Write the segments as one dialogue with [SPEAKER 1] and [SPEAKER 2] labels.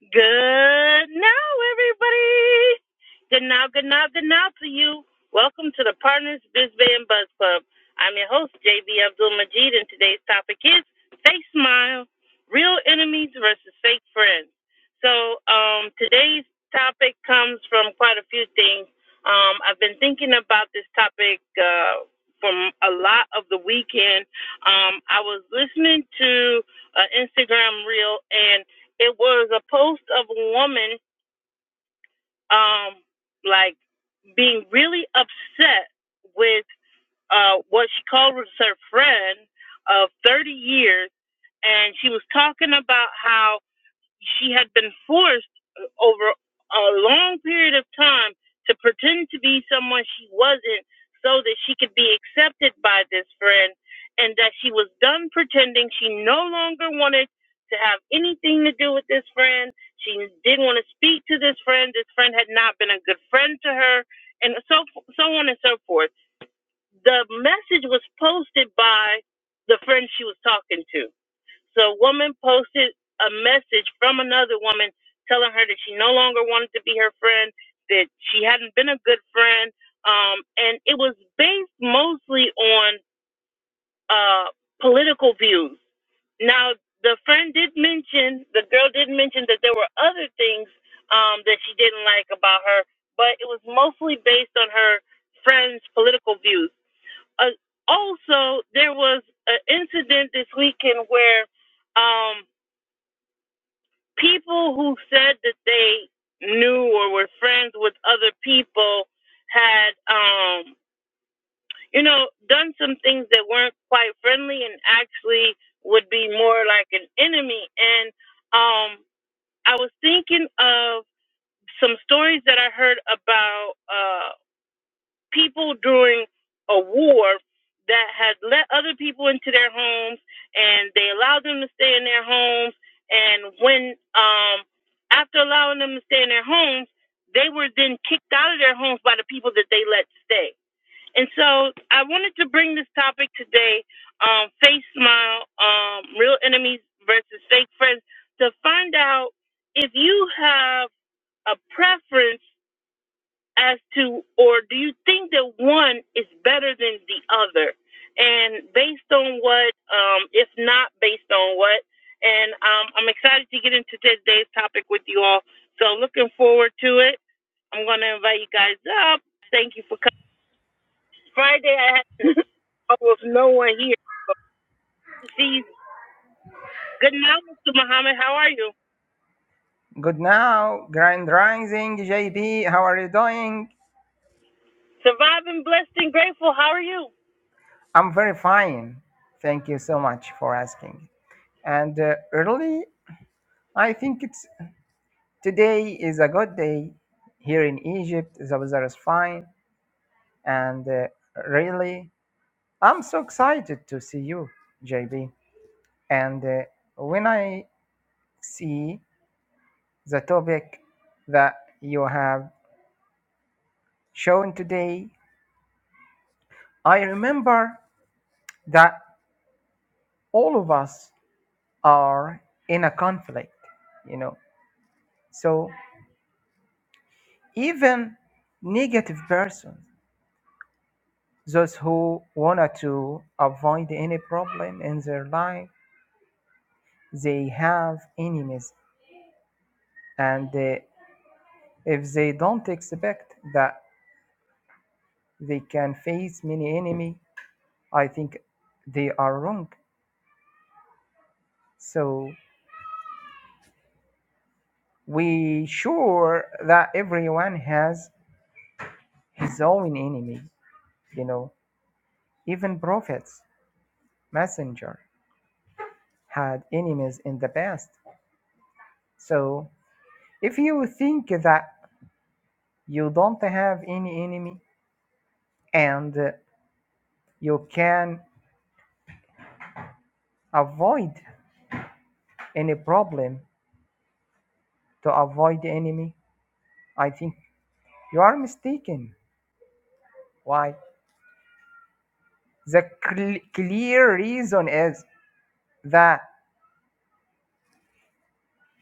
[SPEAKER 1] Good now, everybody. Good now, good now, good now to you. Welcome to the Partners Biz Bay and Buzz Club. I'm your host, JB Abdul Majid, and today's topic is Fake Smile Real Enemies versus Fake Friends. So, um, today's topic comes from quite a few things. Um, I've been thinking about this topic uh, from a lot of the weekend. Um, I was listening to an Instagram reel, and it was a post of a woman um like being really upset with uh what she called was her friend of 30 years and she was talking about how she had been forced uh, over a long period of time to pretend to be someone she wasn't so that she could be accepted by this friend and that she was done pretending she no longer wanted to have anything to do with this friend she didn't want to speak to this friend this friend had not been a good friend to her and so so on and so forth the message was posted by the friend she was talking to so a woman posted a message from another woman telling her that she no longer wanted to be her friend, that she hadn't been a good friend, um, and it was based mostly on uh, political views. Now, the friend did mention, the girl did mention that there were other things um, that she didn't like about her, but it was mostly based on her friend's political views. Uh, also, there was an incident this weekend where um, people who said that they knew or were friends with other people had um you know done some things that weren't quite friendly and actually would be more like an enemy and um i was thinking of some stories that i heard about uh, people during a war that had let other people into their homes and they allowed them to stay in their homes and when um after allowing them to stay in their homes they were then kicked out of their homes by the people that they let stay and so i wanted to bring this topic today um face smile um real enemies versus fake friends to find out if you have a preference as to, or do you think that one is better than the other? And based on what, um, if not based on what, and um, I'm excited to get into today's topic with you all. So looking forward to it. I'm going to invite you guys up. Thank you for coming. Friday, I had almost no one here. But see, good night, Mr. Muhammad. How are you?
[SPEAKER 2] Good now, Grand Rising JB. How are you doing?
[SPEAKER 1] Surviving, blessed, and grateful. How are you?
[SPEAKER 2] I'm very fine. Thank you so much for asking. And uh, really, I think it's today is a good day here in Egypt. The weather is fine, and uh, really, I'm so excited to see you, JB. And uh, when I see the topic that you have shown today, I remember that all of us are in a conflict you know so even negative persons those who wanted to avoid any problem in their life they have enemies and they, if they don't expect that they can face many enemy i think they are wrong so we sure that everyone has his own enemy you know even prophets messenger had enemies in the past. So if you think that you don't have any enemy and uh, you can avoid any problem to avoid the enemy, I think you are mistaken. Why? The cl- clear reason is that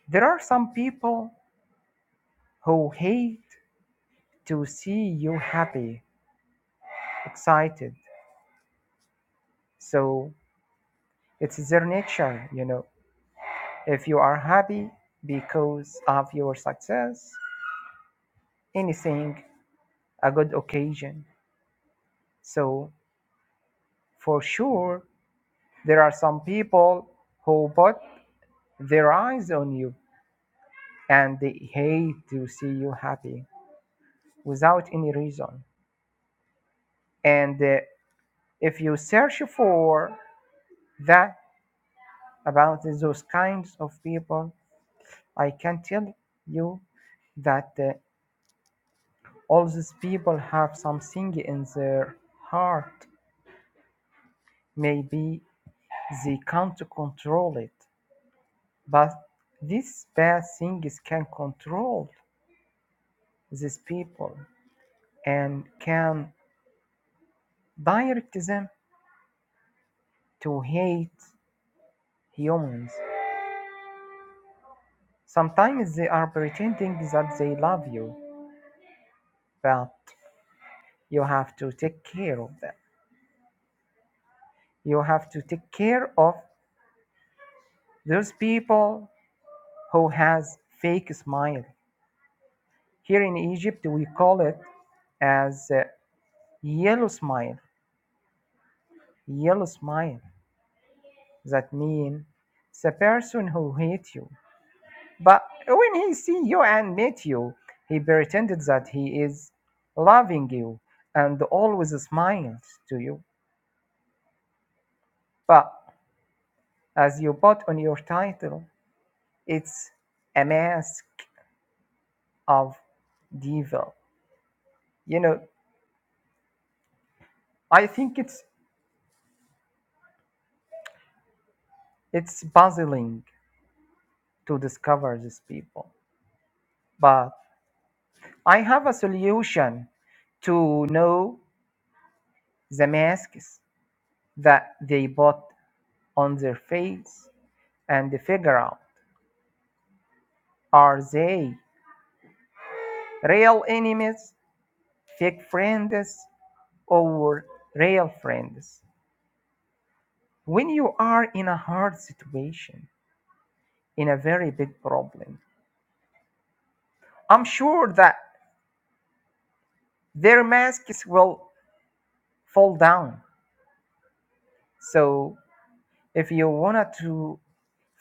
[SPEAKER 2] there are some people who hate to see you happy, excited. So it's their nature, you know If you are happy because of your success, anything a good occasion. So for sure, there are some people who put their eyes on you and they hate to see you happy without any reason. And uh, if you search for that about those kinds of people, I can tell you that uh, all these people have something in their heart. Maybe They can't control it, but these bad things can control these people and can direct them to hate humans. Sometimes they are pretending that they love you, but you have to take care of them. You have to take care of those people who has fake smile. Here in Egypt, we call it as uh, yellow smile. Yellow smile. That means the person who hate you. But when he see you and meet you, he pretended that he is loving you and always smiles to you. But as you put on your title, it's a mask of devil. You know, I think it's it's puzzling to discover these people. But I have a solution to know the masks that they put. on their face and figure out are they real enemies, fake friends, or real friends. When you are in a hard situation, in a very big problem, I'm sure that their masks will fall down. So if you wanted to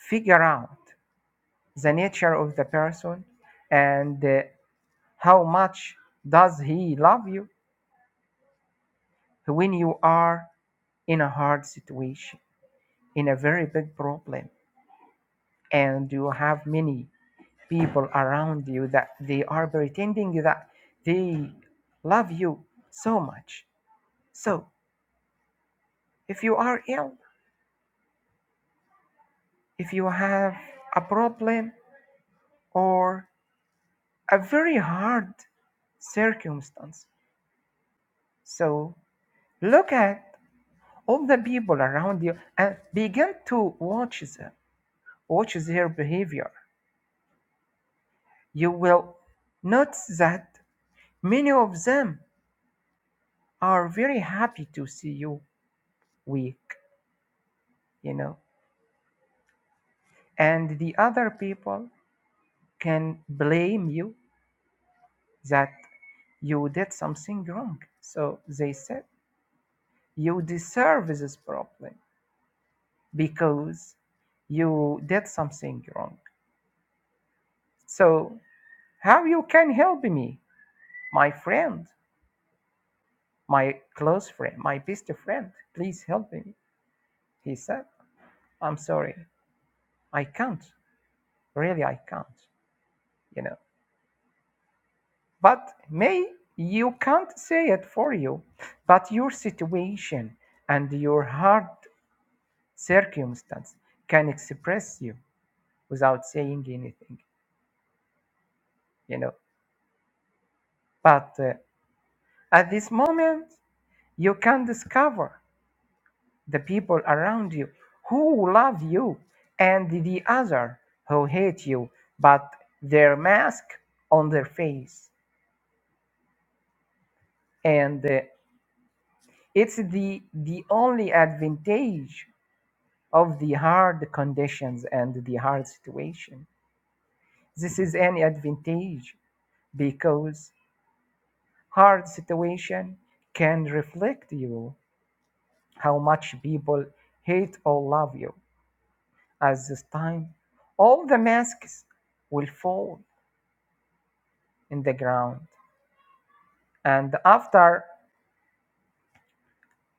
[SPEAKER 2] figure out the nature of the person and uh, how much does he love you, So when you are in a hard situation, in a very big problem, and you have many people around you that they are pretending that they love you so much. So, if you are ill, if you have a problem or a very hard circumstance, so look at all the people around you and begin to watch them, watch their behavior You will notice that many of them are very happy to see you weak, you know, and the other people can blame you that you did something wrong. So they said, You deserve this problem because you did something wrong. So, how you can help me, my friend, my close friend, my best friend? Please help me. He said, I'm sorry, I can't. really i can't you know but may you can't say it for you but your situation and your hard circumstance can express you without saying anything you know but uh, at this moment you can discover the people around you who love you and the other who hate you but their mask on their face and. uh, It's the the only advantage of the hard conditions and the hard situation. This is an advantage because hard situation can reflect you how much people hate or love you. At this time, all the masks will fall in the ground, and after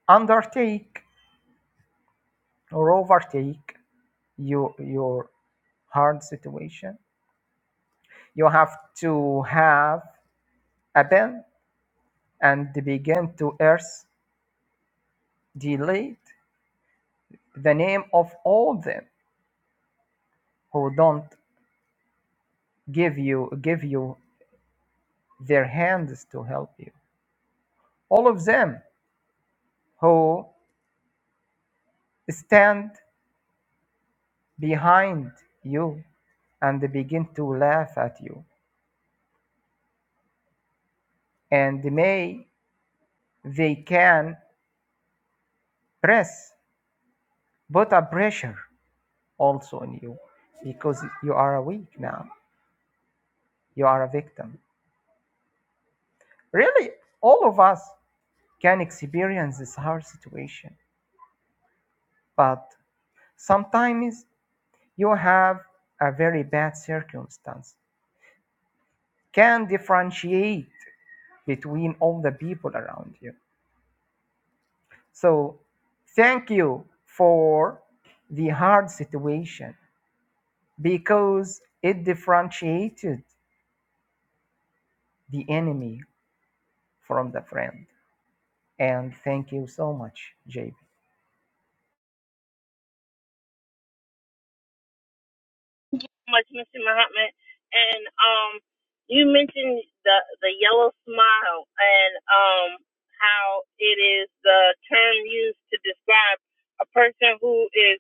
[SPEAKER 2] undertake or overtake your your hard situation, you have to have Abel, and began to curse Delete the name of all them who don't give you give you their hands to help you. All of them who stand behind you and begin to laugh at you. And may they can press put a pressure also on you because you are weak now. You are a victim. Really, all of us can experience this hard situation. But sometimes you have a very bad circumstance, can differentiate between all the people around you. So thank you for the hard situation because it differentiated the enemy from the friend. And thank you so much, JB.
[SPEAKER 1] much, Mr. Muhammad. And um, you mentioned the the yellow smile and um how it is the term used to describe a person who is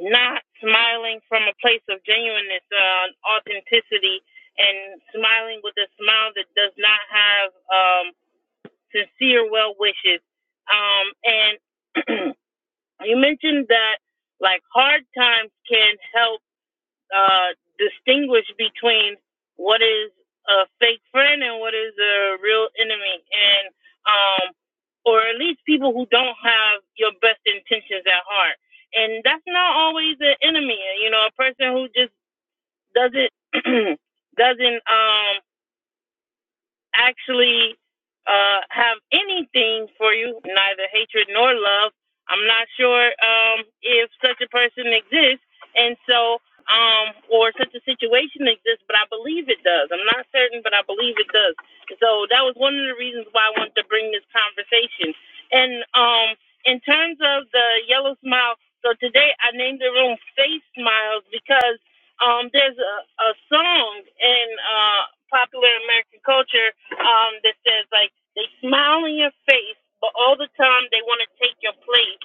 [SPEAKER 1] not smiling from a place of genuineness, uh, authenticity, and smiling with a smile that does not have um sincere well wishes. Um, and you mentioned that like hard times can help uh, distinguish between what is a fake friend and what is a real enemy, and um, or at least people who don't have your best intentions at heart. And that's not always an enemy. You know, a person who just doesn't doesn't um actually uh, have anything for you, neither hatred nor love. I'm not sure um, if such a person exists, and so um, or such a situation exists, but I believe it does. I'm not certain, but I believe it does. So that was one of the reasons why I wanted to bring this conversation. And um, in terms of the yellow smile, so today I named the room Face Smiles because um, there's a, a song in uh, popular American culture um, that says like they smile in your face, but all the time they want to take your place,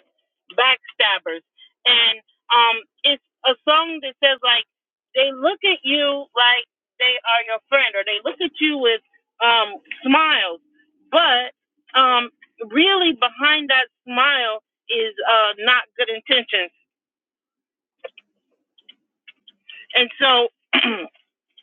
[SPEAKER 1] backstabbers. And um, it's a song that says like they look at you like they are your friend, or they look at you with um, smiles, but um, really behind that smile is uh, not good intentions. And so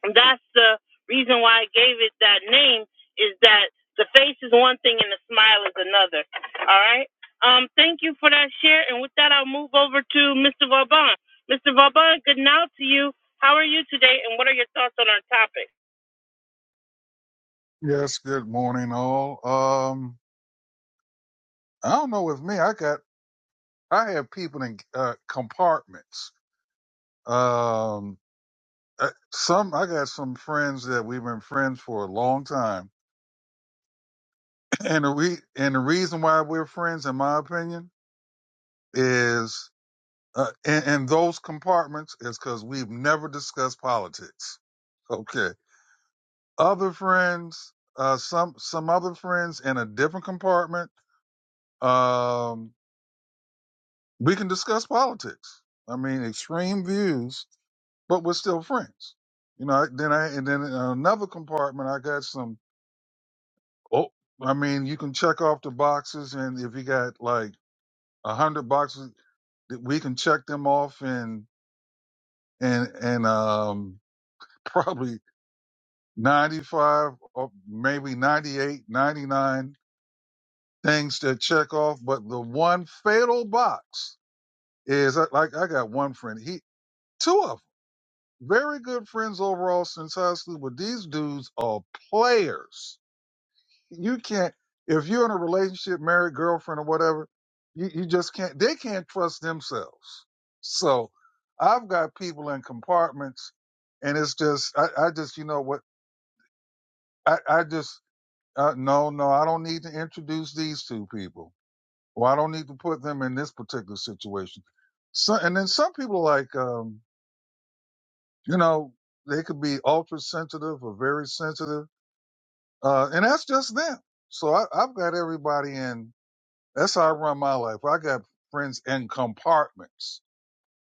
[SPEAKER 1] And that's the reason why I gave it that name is that the face is one thing and the smile is another. All right. Um, thank you for that share. And with that, I'll move over to Mr. Vauban. Mr. Vauban, good now to you. How are you today? And what are your thoughts on our topic?
[SPEAKER 3] Yes, good morning, all. Um, I don't know with me, I got, I have people in uh, compartments. Um, uh, some, I got some friends that we've been friends for a long time. And the re, and the reason why we're friends, in my opinion, is, uh, in, in those compartments is because we've never discussed politics. Okay. Other friends, uh, some, some other friends in a different compartment. Um, We can discuss politics. I mean, extreme views, but we're still friends. You know, I- then I, and then in another compartment, I got some, oh, I mean, you can check off the boxes. And if you got like a hundred boxes, that we can check them off and and and um probably 95 or maybe 98, 99 things to check off but the one fatal box is uh, like i got one friend he two of 'em. very good friends overall since high school, but these dudes are players. You can't, if you're in a relationship, married, girlfriend, or whatever, you, you just can't, they can't trust themselves. So I've got people in compartments, and it's just, I, I just, you know what, I, I just, uh, no, no, I don't need to introduce these two people, or I don't need to put them in this particular situation. So, and then some people like, um, you know, they could be ultra sensitive or very sensitive Uh, and that's just them. So I, I've got everybody in. That's how I run my life. I got friends in compartments.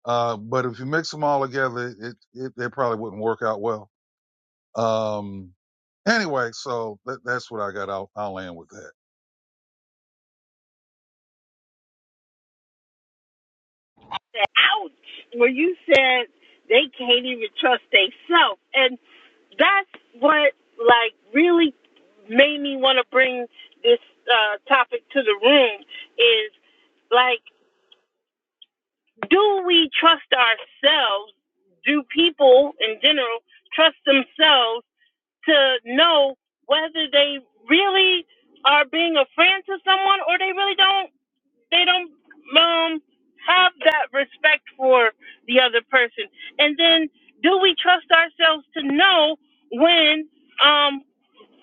[SPEAKER 3] Uh, but if you mix them all together, it, it, it probably wouldn't work out well. Um, anyway, so that, that's what I got. I'll, I'll land with that.
[SPEAKER 1] ouch, where you said they can't even trust themselves. And that's what, like, really made me want to bring this uh, topic to the room is, like, do we trust ourselves? Do people in general trust themselves to know whether they really are being a friend to someone or they really don't they don't um have that respect for the other person? And then do we trust ourselves to know when um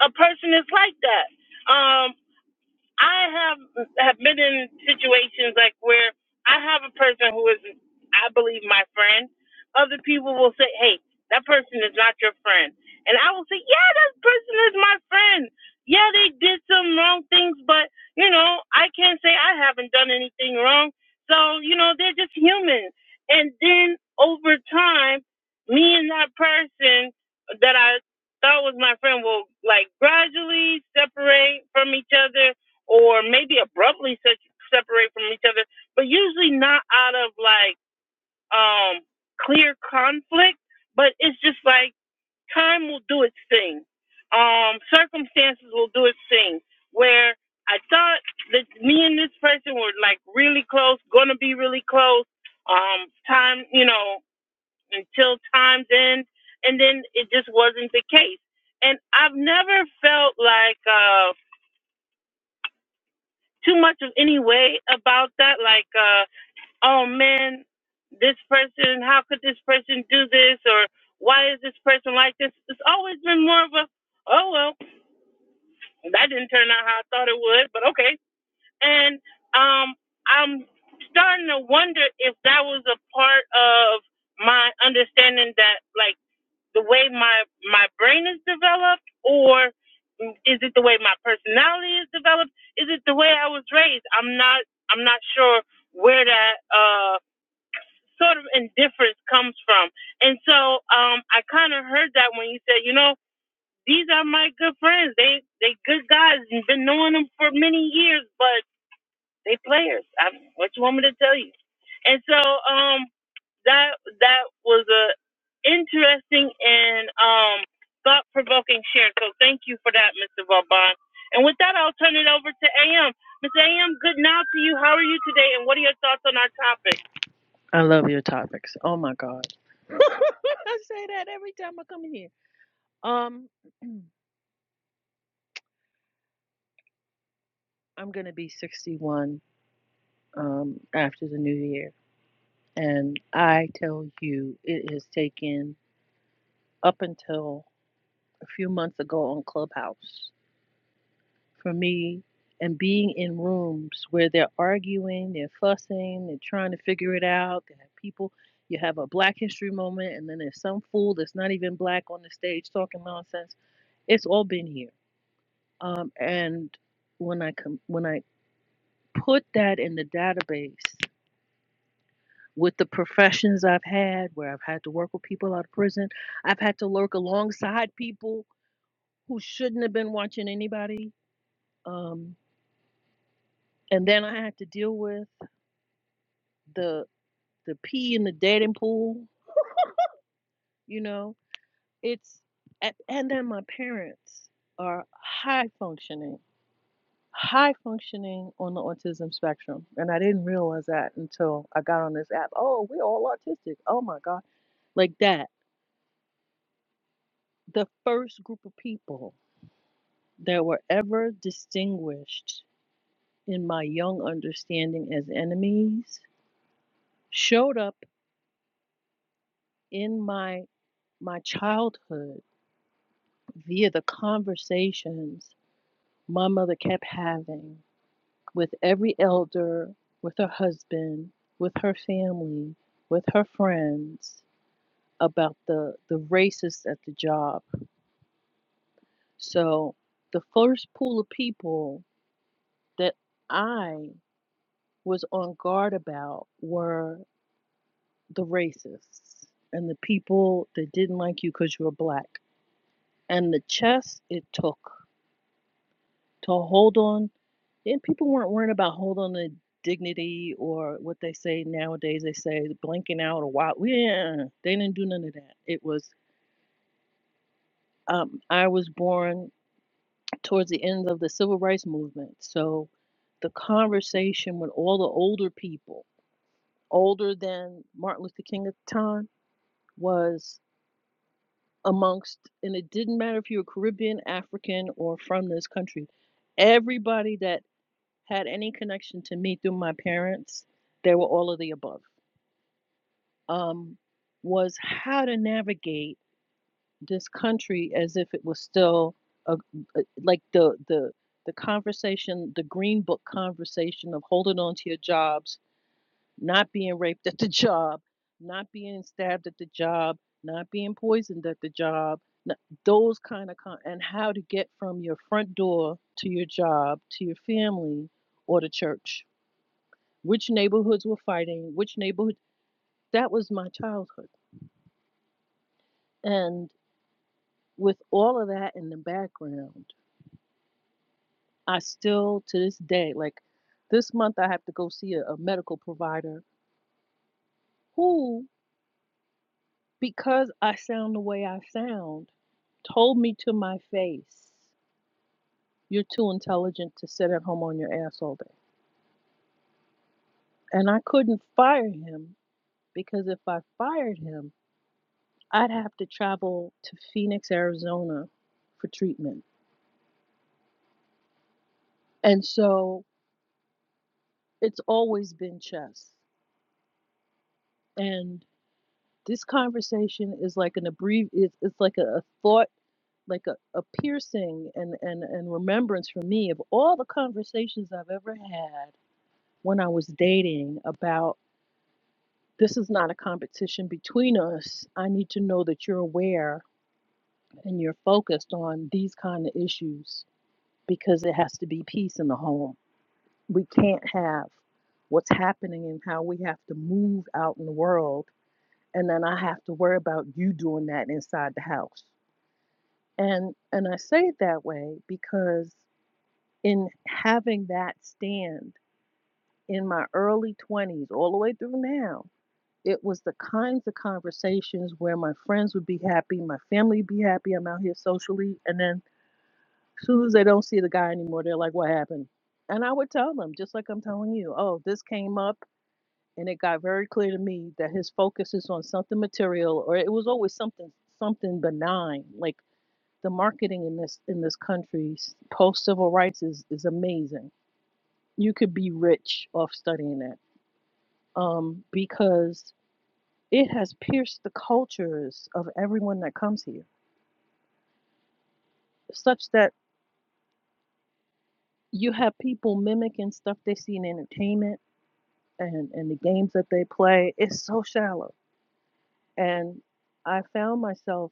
[SPEAKER 1] a person is like that? Um, I have have been in situations like where I have a person who is, I believe, my friend. Other people will say, "Hey, that person is not your friend," and I will say, "Yeah, that person is my friend. Yeah, they did some wrong things, but you know, I can't say I haven't done anything wrong. So you know, they're just human." And then over time, me and that person that I thought was my friend will like gradually separate from each other or maybe abruptly se- separate from each other, but usually not out of like um clear conflict, but it's just like time will do its thing. Um circumstances will do its thing where I thought that me and this person were like really close, going to be really close. Um time, you know, until time's end and then it just wasn't the case. And I've never felt like uh, too much of any way about that. Like, uh, oh man, this person, how could this person do this? Or why is this person like this? It's always been more of a, oh well, that didn't turn out how I thought it would, but okay. And um, I'm starting to wonder if that was a part of my understanding that like the way my my brain is developed or is it the way my personality is developed is it the way i was raised i'm not i'm not sure where that uh sort of indifference comes from and so um i kind of heard that when you said you know these are my good friends they they good guys and been knowing them for many years but they players I, what you want me to tell you and so um that that was a interesting and um, thought provoking share. So thank you for that, Mr. Vauban. And with that, I'll turn it over to AM. Mr. AM, good now to you. How are you today? And what are your thoughts on our topic?
[SPEAKER 4] I love your topics. Oh my God. I say that every time I come in here. Um, I'm gonna be 61 um after the new year. And I tell you, it has taken up until a few months ago on Clubhouse for me and being in rooms where they're arguing, they're fussing, they're trying to figure it out, they have people you have a black history moment and then there's some fool that's not even black on the stage talking nonsense. It's all been here Um, and when I com- when I put that in the database with the professions I've had, where I've had to work with people out of prison, I've had to work alongside people who shouldn't have been watching anybody, um, and then I had to deal with the the pee in the dating pool. You know, it's a- and then my parents are high functioning high functioning on the autism spectrum. And I didn't realize that until I got on this app. Oh, we're all autistic. Oh my God. Like that. The first group of people that were ever distinguished in my young understanding as enemies showed up in my my childhood via the conversations my mother kept having with every elder, with her husband, with her family, with her friends, about the the racists at the job. So the first pool of people that I was on guard about were the racists and the people that didn't like you because you were black. And the chess it took to hold on, and people weren't worrying about hold on to dignity or what they say nowadays. They say blinking out or wow. Yeah, they didn't do none of that. It was um, I was born towards the end of the civil rights movement. So the conversation with all the older people, older than Martin Luther King at the time, was amongst, and it didn't matter if you were Caribbean, African, or from this country, everybody that had any connection to me through my parents, they were all of the above, um, was how to navigate this country as if it was still a, a- like the the the conversation, the green book conversation of holding on to your jobs, not being raped at the job, not being stabbed at the job, not being poisoned at the job, n- those kind of con- and how to get from your front door to your job, to your family or to church. Which neighborhoods were fighting, which neighborhood that was my childhood. And with all of that in the background, I still to this day, like this month, I have to go see a, a medical provider who, because I sound the way I sound, told me to my face, You're too intelligent to sit at home on your ass all day. And I couldn't fire him because if I fired him, I'd have to travel to Phoenix, Arizona for treatment. And so it's always been chess. And this conversation is like an abbrev it's, it's like a, a thought like a, a piercing and, and, and remembrance for me of all the conversations I've ever had when I was dating about this is not a competition between us. I need to know that you're aware and you're focused on these kind of issues because it has to be peace in the home. We can't have what's happening and how we have to move out in the world and then I have to worry about you doing that inside the house. And and I say it that way because in having that stand in my early 20s, all the way through now, it was the kinds of conversations where my friends would be happy, my family would be happy, I'm out here socially. And then as soon as they don't see the guy anymore, they're like, what happened? And I would tell them, just like I'm telling you, oh, this came up and it got very clear to me that his focus is on something material or it was always something something benign. Like the marketing in this in this country post civil rights is, is amazing You could be rich off studying it um, because it has pierced the cultures of everyone that comes here, such that you have people mimicking stuff they see in entertainment and, and the games that they play. It's so shallow. And I found myself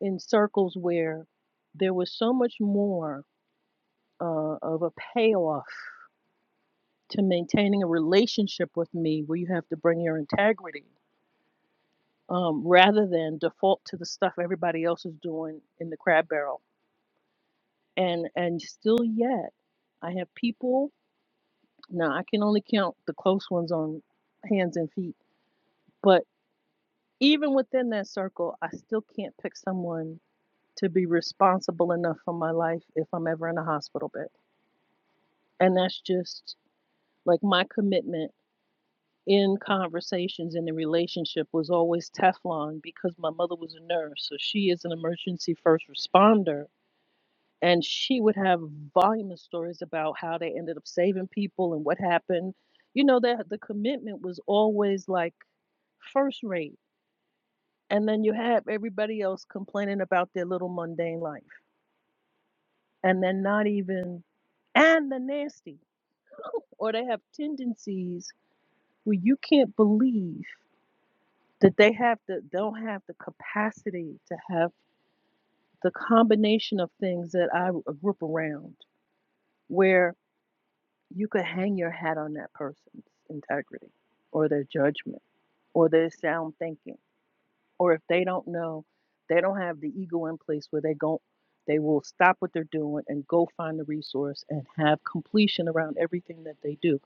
[SPEAKER 4] in circles where there was so much more uh, of a payoff to maintaining a relationship with me where you have to bring your integrity um, rather than default to the stuff everybody else is doing in the crab barrel. And and still yet, I have people. Now I can only count the close ones on hands and feet. But even within that circle, I still can't pick someone to be responsible enough for my life if I'm ever in a hospital bed. And that's just like my commitment in conversations in the relationship was always Teflon because my mother was a nurse. So she is an emergency first responder and she would have voluminous stories about how they ended up saving people and what happened. You know that the commitment was always like first rate, and then you have everybody else complaining about their little mundane life, and then not even and the nasty, or they have tendencies where you can't believe that they have the don't have the capacity to have the combination of things that I grew up around, where you could hang your hat on that person's integrity or their judgment or their sound thinking or if they don't know they don't have the ego in place where they go they will stop what they're doing and go find the resource and have completion around everything that they do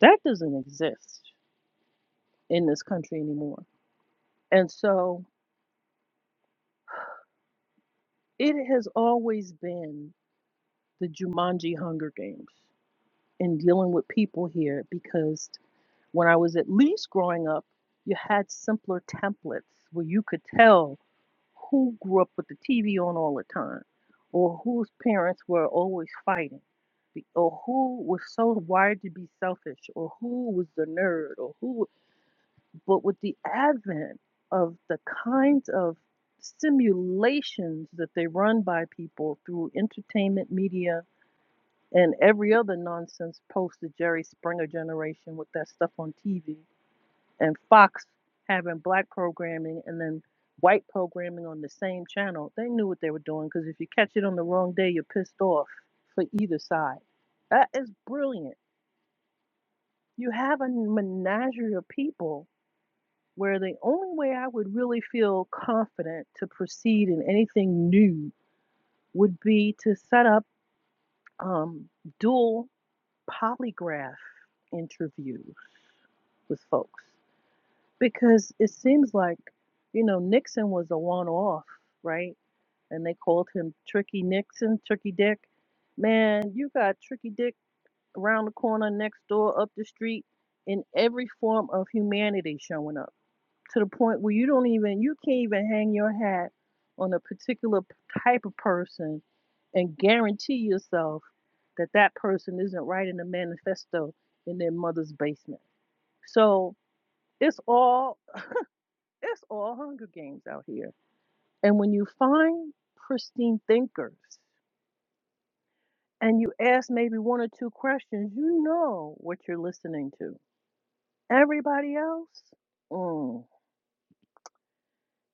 [SPEAKER 4] that doesn't exist in this country anymore and so it has always been the jumanji hunger games in dealing with people here because When I was at least growing up, you had simpler templates where you could tell who grew up with the TV on all the time, or whose parents were always fighting, be- or who was so wired to be selfish, or who was the nerd, or who. But with the advent of the kinds of simulations that they run by people through entertainment media and every other nonsense post the Jerry Springer generation with that stuff on TV and Fox having black programming and then white programming on the same channel, they knew what they were doing because if you catch it on the wrong day, you're pissed off for either side. That is brilliant. You have a menagerie of people where the only way I would really feel confident to proceed in anything new would be to set up um, dual polygraph interviews with folks. Because it seems like, you know, Nixon was a one off, right? And they called him Tricky Nixon, Tricky Dick. Man, you got Tricky Dick around the corner, next door, up the street, in every form of humanity showing up to the point where you don't even, you can't even hang your hat on a particular p- type of person and guarantee yourself that that person isn't writing a manifesto in their mother's basement. So it's all it's all Hunger Games out here. And when you find pristine thinkers and you ask maybe one or two questions, you know what you're listening to. Everybody else, mm,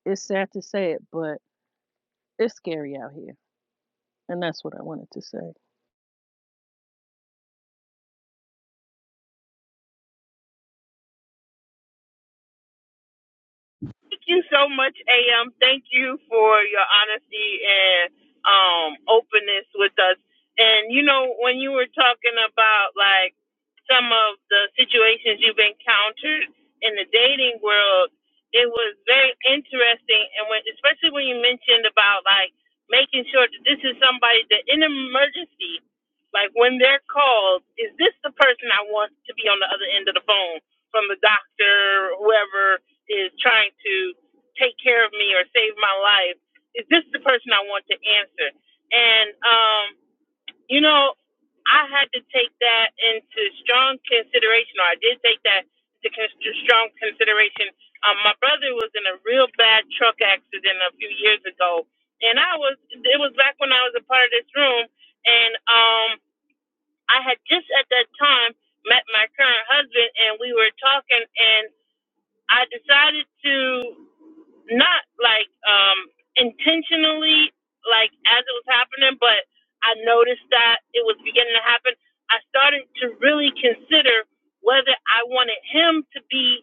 [SPEAKER 4] it's sad to say it, but it's scary out here. And that's what I wanted to say.
[SPEAKER 1] Thank you so much, AM. Thank you for your honesty and um, openness with us. And you know, when you were talking about like some of the situations you've encountered in the dating world, it was very interesting. And when, especially when you mentioned about like making sure that this is somebody that in an emergency, like when they're called, is this the person I want to be on the other end of the phone from the doctor or whoever? is trying to take care of me or save my life, is this the person I want to answer? And um, you know, I had to take that into strong consideration, or I did take that into con- strong consideration. Um, my brother was in a real bad truck accident a few years ago, and I was it was back when I was a part of this room, and um, I had just at that time met my current husband, and we were talking, and I decided to not like um intentionally like as it was happening but i noticed that it was beginning to happen i started to really consider whether i wanted him to be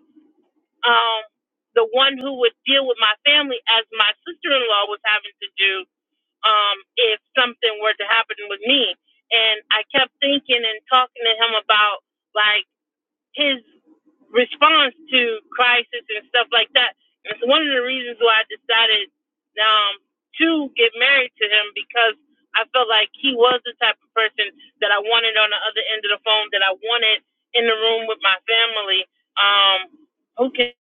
[SPEAKER 1] um the one who would deal with my family as my sister-in-law was having to do um if something were to happen with me and i kept thinking and talking to him about like his response to crisis and stuff like that. And it's one of the reasons why I decided um, to get married to him because I felt like he was the type of person that I wanted on the other end of the phone, that I wanted in the room with my family. Um, okay,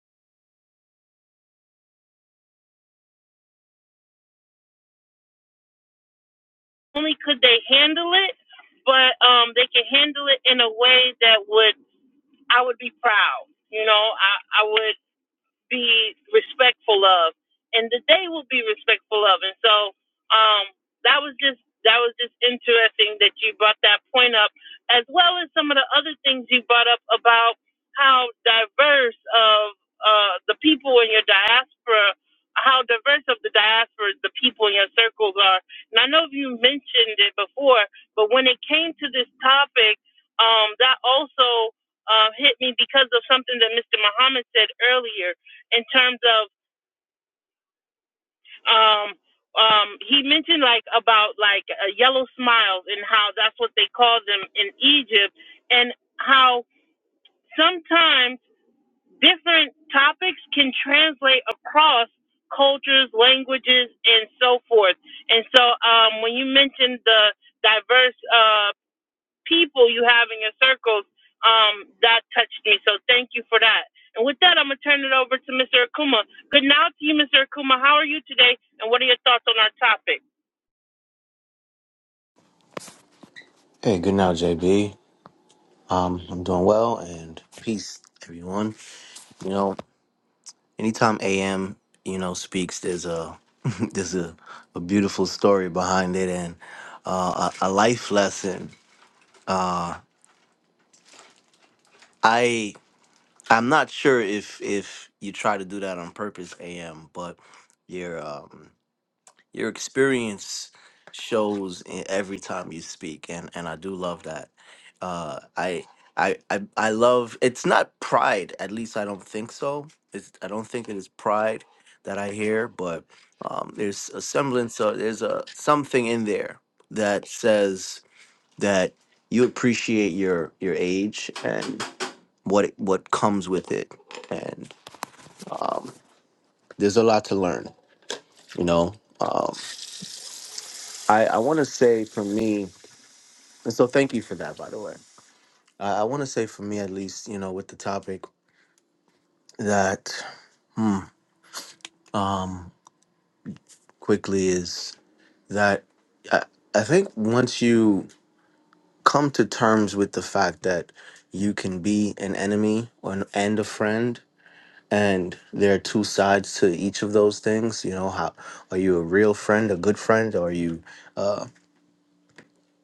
[SPEAKER 1] only could they handle it, but um, they can handle it in a way that would I would be proud. You know, I, I would. be respectful of, and that they will be respectful of. And so um, that was just that was just interesting that you brought that point up, as well as some of the other things you brought up about how diverse of uh, the people in your diaspora, how diverse of the diaspora the people in your circles are. And I know you mentioned it before, but when it came to this topic, um, that also uh, hit me because of something that Mr. Muhammad said earlier in terms of um um he mentioned like about like uh, yellow smiles and how that's what they call them in Egypt and how sometimes different topics can translate across cultures, languages and so forth. And so um when you mentioned the diverse uh, people you have in your circles um, that touched me. So thank you for that. And with that, I'm going to turn it over to Mr. Akuma. Good now to you, Mr. Akuma. How are you today? And what are your thoughts on our topic?
[SPEAKER 5] Hey, good now, JB. Um, I'm doing well, and peace, everyone. You know, anytime AM, you know, speaks, there's a there's a, a beautiful story behind it and uh, a, a life lesson. I I'm not sure if if you try to do that on purpose, AM, but you're um Your experience shows in every time you speak, and and I do love that. Uh, I. I, I, I love it's not pride at least I don't think so it's, I don't think it is pride that I hear but um, there's a semblance of there's a something in there that says that you appreciate your your age and what it, what comes with it and there's a lot to learn you know um, I I want to say for me And so thank you for that, by the way. I, I want to say for me, at least, you know, with the topic that um, quickly is that I, I think once you come to terms with the fact that you can be an enemy or an, and a friend, and there are two sides to each of those things. You know, how are you a real friend, a good friend, or are you uh,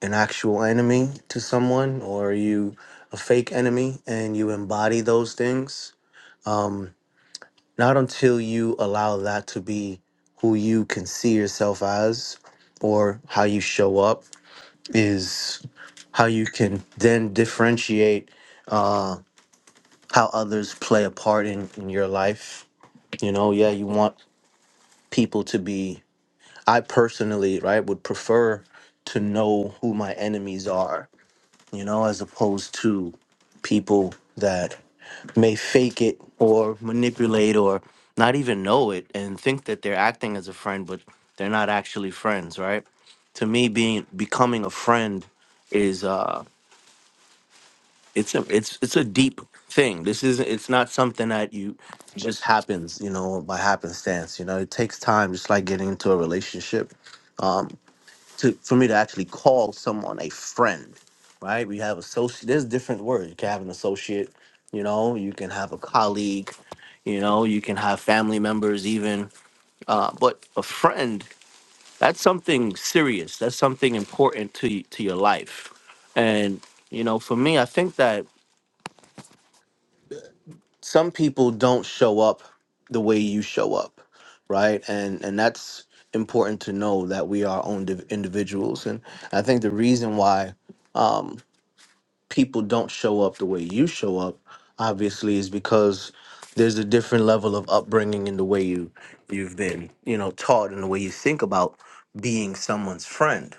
[SPEAKER 5] an actual enemy to someone, or are you a fake enemy and you embody those things? Not until you allow that to be who you can see yourself as or how you show up is how you can then differentiate how others play a part in, in your life. You know, yeah, you want people to be I personally, right, would prefer to know who my enemies are you know, as opposed to people that may fake it or manipulate or not even know it and think that they're acting as a friend, but they're not actually friends, right? To me, being becoming a friend is uh, it's a it's it's a deep thing. This is it's not something that you just happens, you know, by happenstance. You know, it takes time, just like getting into a relationship to for me to actually call someone a friend, right? We have associate. There's different words. You can have an associate, you know. You can have a colleague, you know. You can have family members, even. Uh, but a friend, that's something serious. That's something important to y- to your life. And you know, for me, I think that some people don't show up the way you show up, right? And and that's important to know that we are own individuals and I think the reason why um, people don't show up the way you show up obviously is because there's a different level of upbringing in the way you you've been you know taught and the way you think about being someone's friend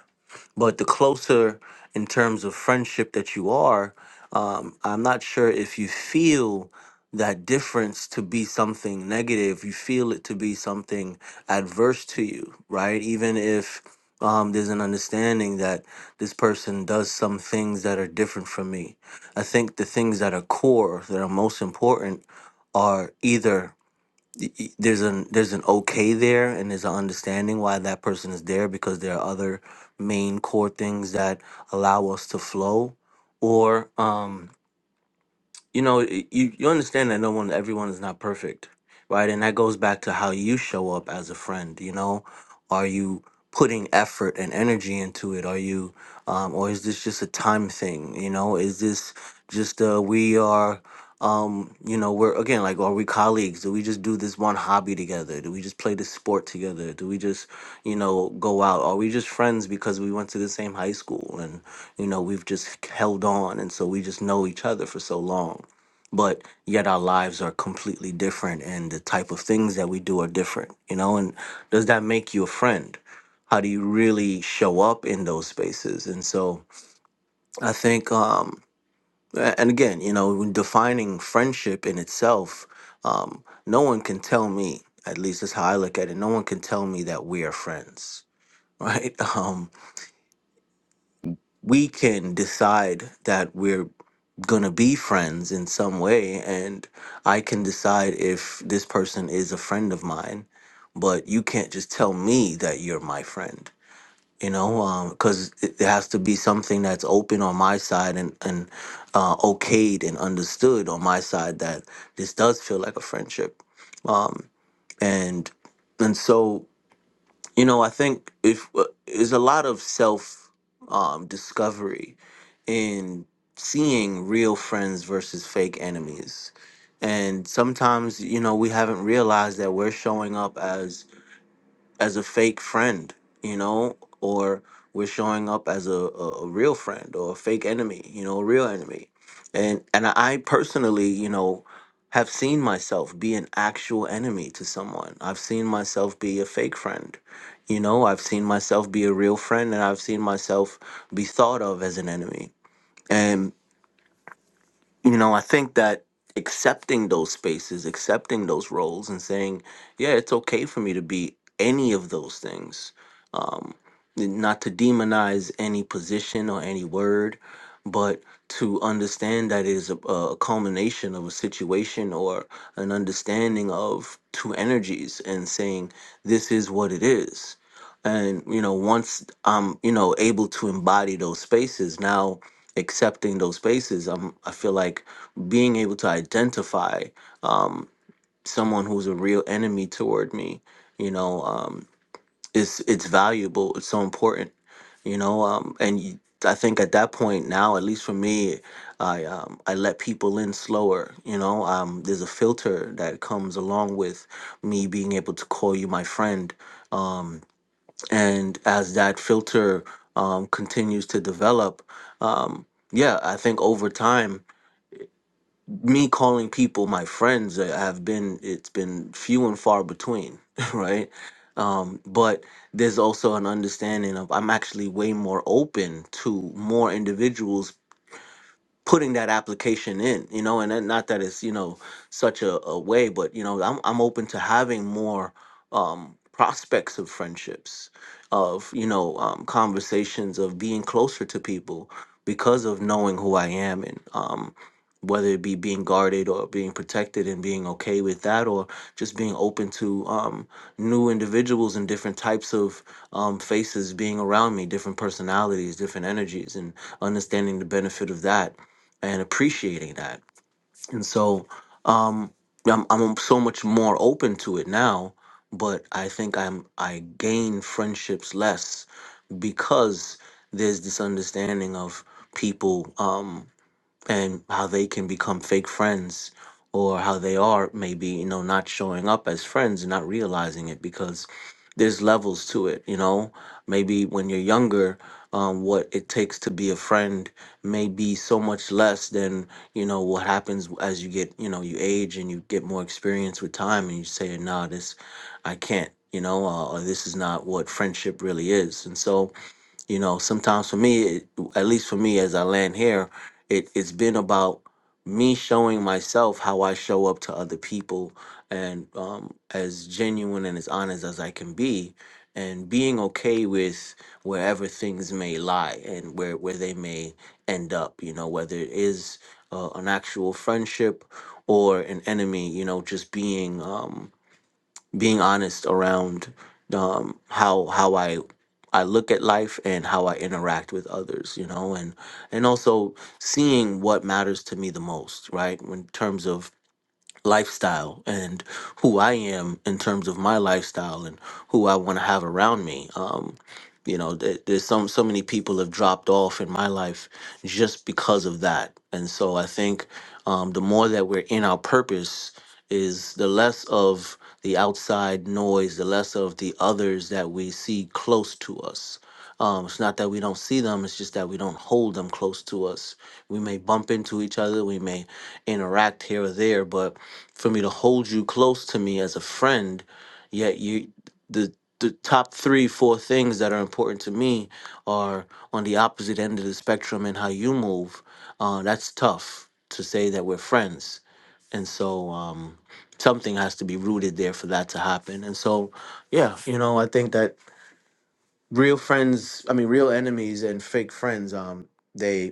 [SPEAKER 5] but the closer in terms of friendship that you are, um, I'm not sure if you feel that difference to be something negative. You feel it to be something adverse to you, right? Even if um, there's an understanding that this person does some things that are different from me. I think the things that are core, that are most important, are either y- y- there's an there's an okay there and there's an understanding why that person is there because there are other main core things that allow us to flow or um you know y- you, you understand that no one everyone is not perfect right and that goes back to how you show up as a friend you know are you putting effort and energy into it are you um, or is this just a time thing you know is this just uh we are um you know we're again like are we colleagues do we just do this one hobby together do we just play this sport together do we just you know go out are we just friends because we went to the same high school you know we've just held on and so we just know each other for so long but yet our lives are completely different and the type of things that we do are different you know and does that make you a friend how do you really show up in those spaces and so i think um a- and again you know when defining friendship in itself um no one can tell me at least that's how i look at it no one can tell me that we are friends right Um, we can decide that we're gonna be friends in some way and i can decide if this person is a friend of mine but you can't just tell me that you're my friend you know because it it has to be something that's open on my side and and uh, okayed and understood on my side that this does feel like a friendship um and and so you know, I think if uh, there's a lot of self um, discovery in seeing real friends versus fake enemies, and sometimes you know we haven't realized that we're showing up as as a fake friend, you know, or we're showing up as a, a, a real friend or a fake enemy, you know, a real enemy. And and I personally, you know, have seen myself be an actual enemy to someone. I've seen myself be a fake friend. You know, I've seen myself be a real friend and I've seen myself be thought of as an enemy. And you know, I think that accepting those spaces, accepting those roles and saying, yeah, it's okay for me to be any of those things um, not to demonize any position or any word, but to understand that it is a, a culmination of a situation or an understanding of two energies and saying, this is what it is. And, you know, once I'm, you know, able to embody those spaces, now accepting those spaces, I'm, I feel like being able to identify um, someone who's a real enemy toward me, you know, um, it's it's valuable it's so important you know um and you, i think at that point now at least for me i um i let people in slower you know um there's a filter that comes along with me being able to call you my friend um and as that filter um continues to develop um yeah i think over time me calling people my friends uh, have been it's been few and far between right um but there's also an understanding of i'm actually way more open to more individuals putting that application in you know and then not that it's you know such a, a way but you know I'm, I'm open to having more um prospects of friendships of you know um, conversations of being closer to people because of knowing who i am and um whether it be being guarded or being protected and being okay with that or just being open to um, new individuals and different types of um, faces being around me different personalities different energies and understanding the benefit of that and appreciating that. And so um, I'm, I'm so much more open to it now, but I think I'm I gain friendships less because there's this understanding of people. Um, and how they can become fake friends or how they are maybe you know not showing up as friends and not realizing it because there's levels to it you know maybe when you're younger um, what it takes to be a friend may be so much less than you know what happens as you get you know you age and you get more experience with time and you say nah this i can't you know uh, or this is not what friendship really is and so you know sometimes for me it, at least for me as i land here it, it's been about me showing myself how i show up to other people and um, as genuine and as honest as i can be and being okay with wherever things may lie and where, where they may end up you know whether it is uh, an actual friendship or an enemy you know just being um, being honest around um, how how I I look at life and how I interact with others, you know, and and also seeing what matters to me the most, right? In terms of lifestyle and who I am in terms of my lifestyle and who I want to have around me. Um, you know, there, there's some so many people have dropped off in my life just because of that. And so I think um, the more that we're in our purpose is the less of the outside noise, the less of the others that we see close to us. Um, it's not that we don't see them; it's just that we don't hold them close to us. We may bump into each other, we may interact here or there, but for me to hold you close to me as a friend yet you the the top three four things that are important to me are on the opposite end of the spectrum and how you move uh, that's tough to say that we're friends and so um, something has to be rooted there for that to happen and so yeah you know i think that real friends i mean real enemies and fake friends um, they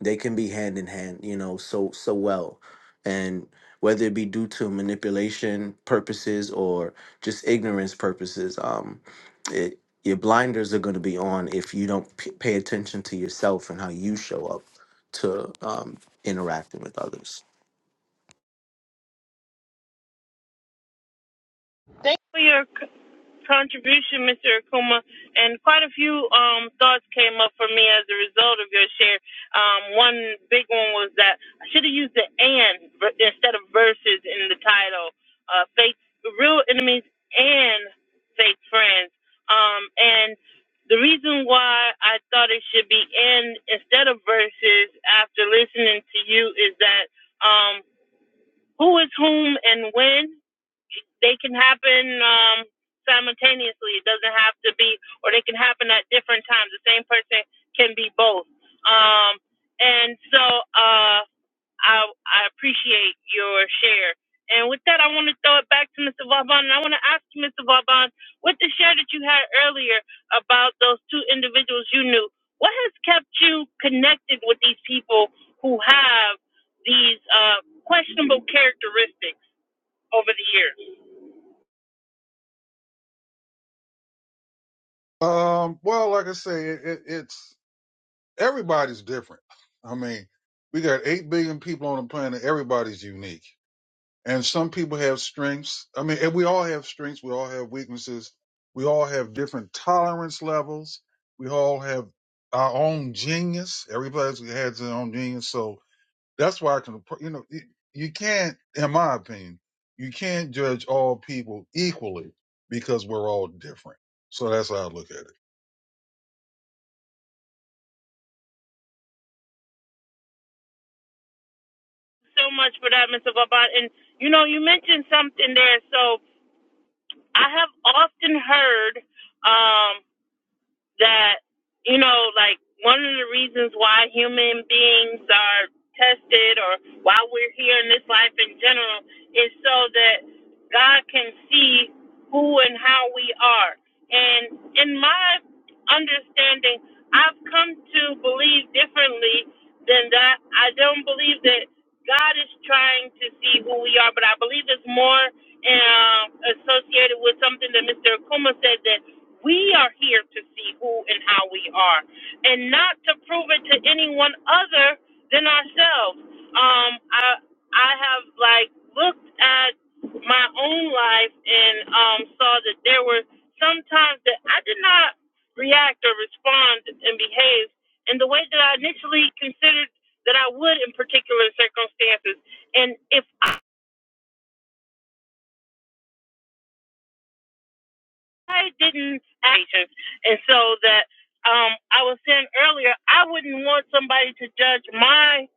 [SPEAKER 5] they can be hand in hand you know so so well and whether it be due to manipulation purposes or just ignorance purposes um it your blinders are going to be on if you don't p- pay attention to yourself and how you show up to um interacting with others
[SPEAKER 1] For your contribution, Mr. Akuma, and quite a few um, thoughts came up for me as a result of your share. Um, one big one was that I should have used the and ver- instead of verses in the title. Uh, faith, real enemies, and fake friends. Um, and the reason why I thought it should be and instead of verses after listening to you is that. um, who is whom and when they can happen um, simultaneously. It doesn't have to be, or they can happen at different times. The same person can be both. Um, and so, uh, I I appreciate your share. And with that, I want to throw it back to Mr. Vauban. And I want to ask you, Mr. Vauban, with the share that you had earlier about those two individuals you knew, what has kept you connected with these people who have these uh, questionable characteristics over the years?
[SPEAKER 3] Um, well, like I say, it, it's everybody's different. I mean, we got 8 billion people on the planet. Everybody's unique. And some people have strengths. I mean, and we all have strengths. We all have weaknesses. We all have different tolerance levels. We all have our own genius. Everybody has their own genius. So that's why I can, appro- you know, you you can't, in my opinion, you can't judge all people equally because we're all different. So that's how I look at it.
[SPEAKER 1] So much for that, Mr. Vauban. And you know, you mentioned something there. So I have often heard. Um, that you know like one of the reasons why human beings are tested or why we're here in this life in general is so that God can see who and how we are. And in my understanding, I've come to believe differently than that. I don't believe that God is trying to see who we are, but I believe it's more um, associated with something that Mr. Akuma said that we are here to see who and how we are, and not to prove it to anyone other than ourselves. Um, I I have like looked at my own life and um, saw that there were some times that I did not react or respond and behave in the way that I initially considered that I would in particular circumstances. And if I didn't actions. And so that um I was saying earlier, I wouldn't want somebody to judge my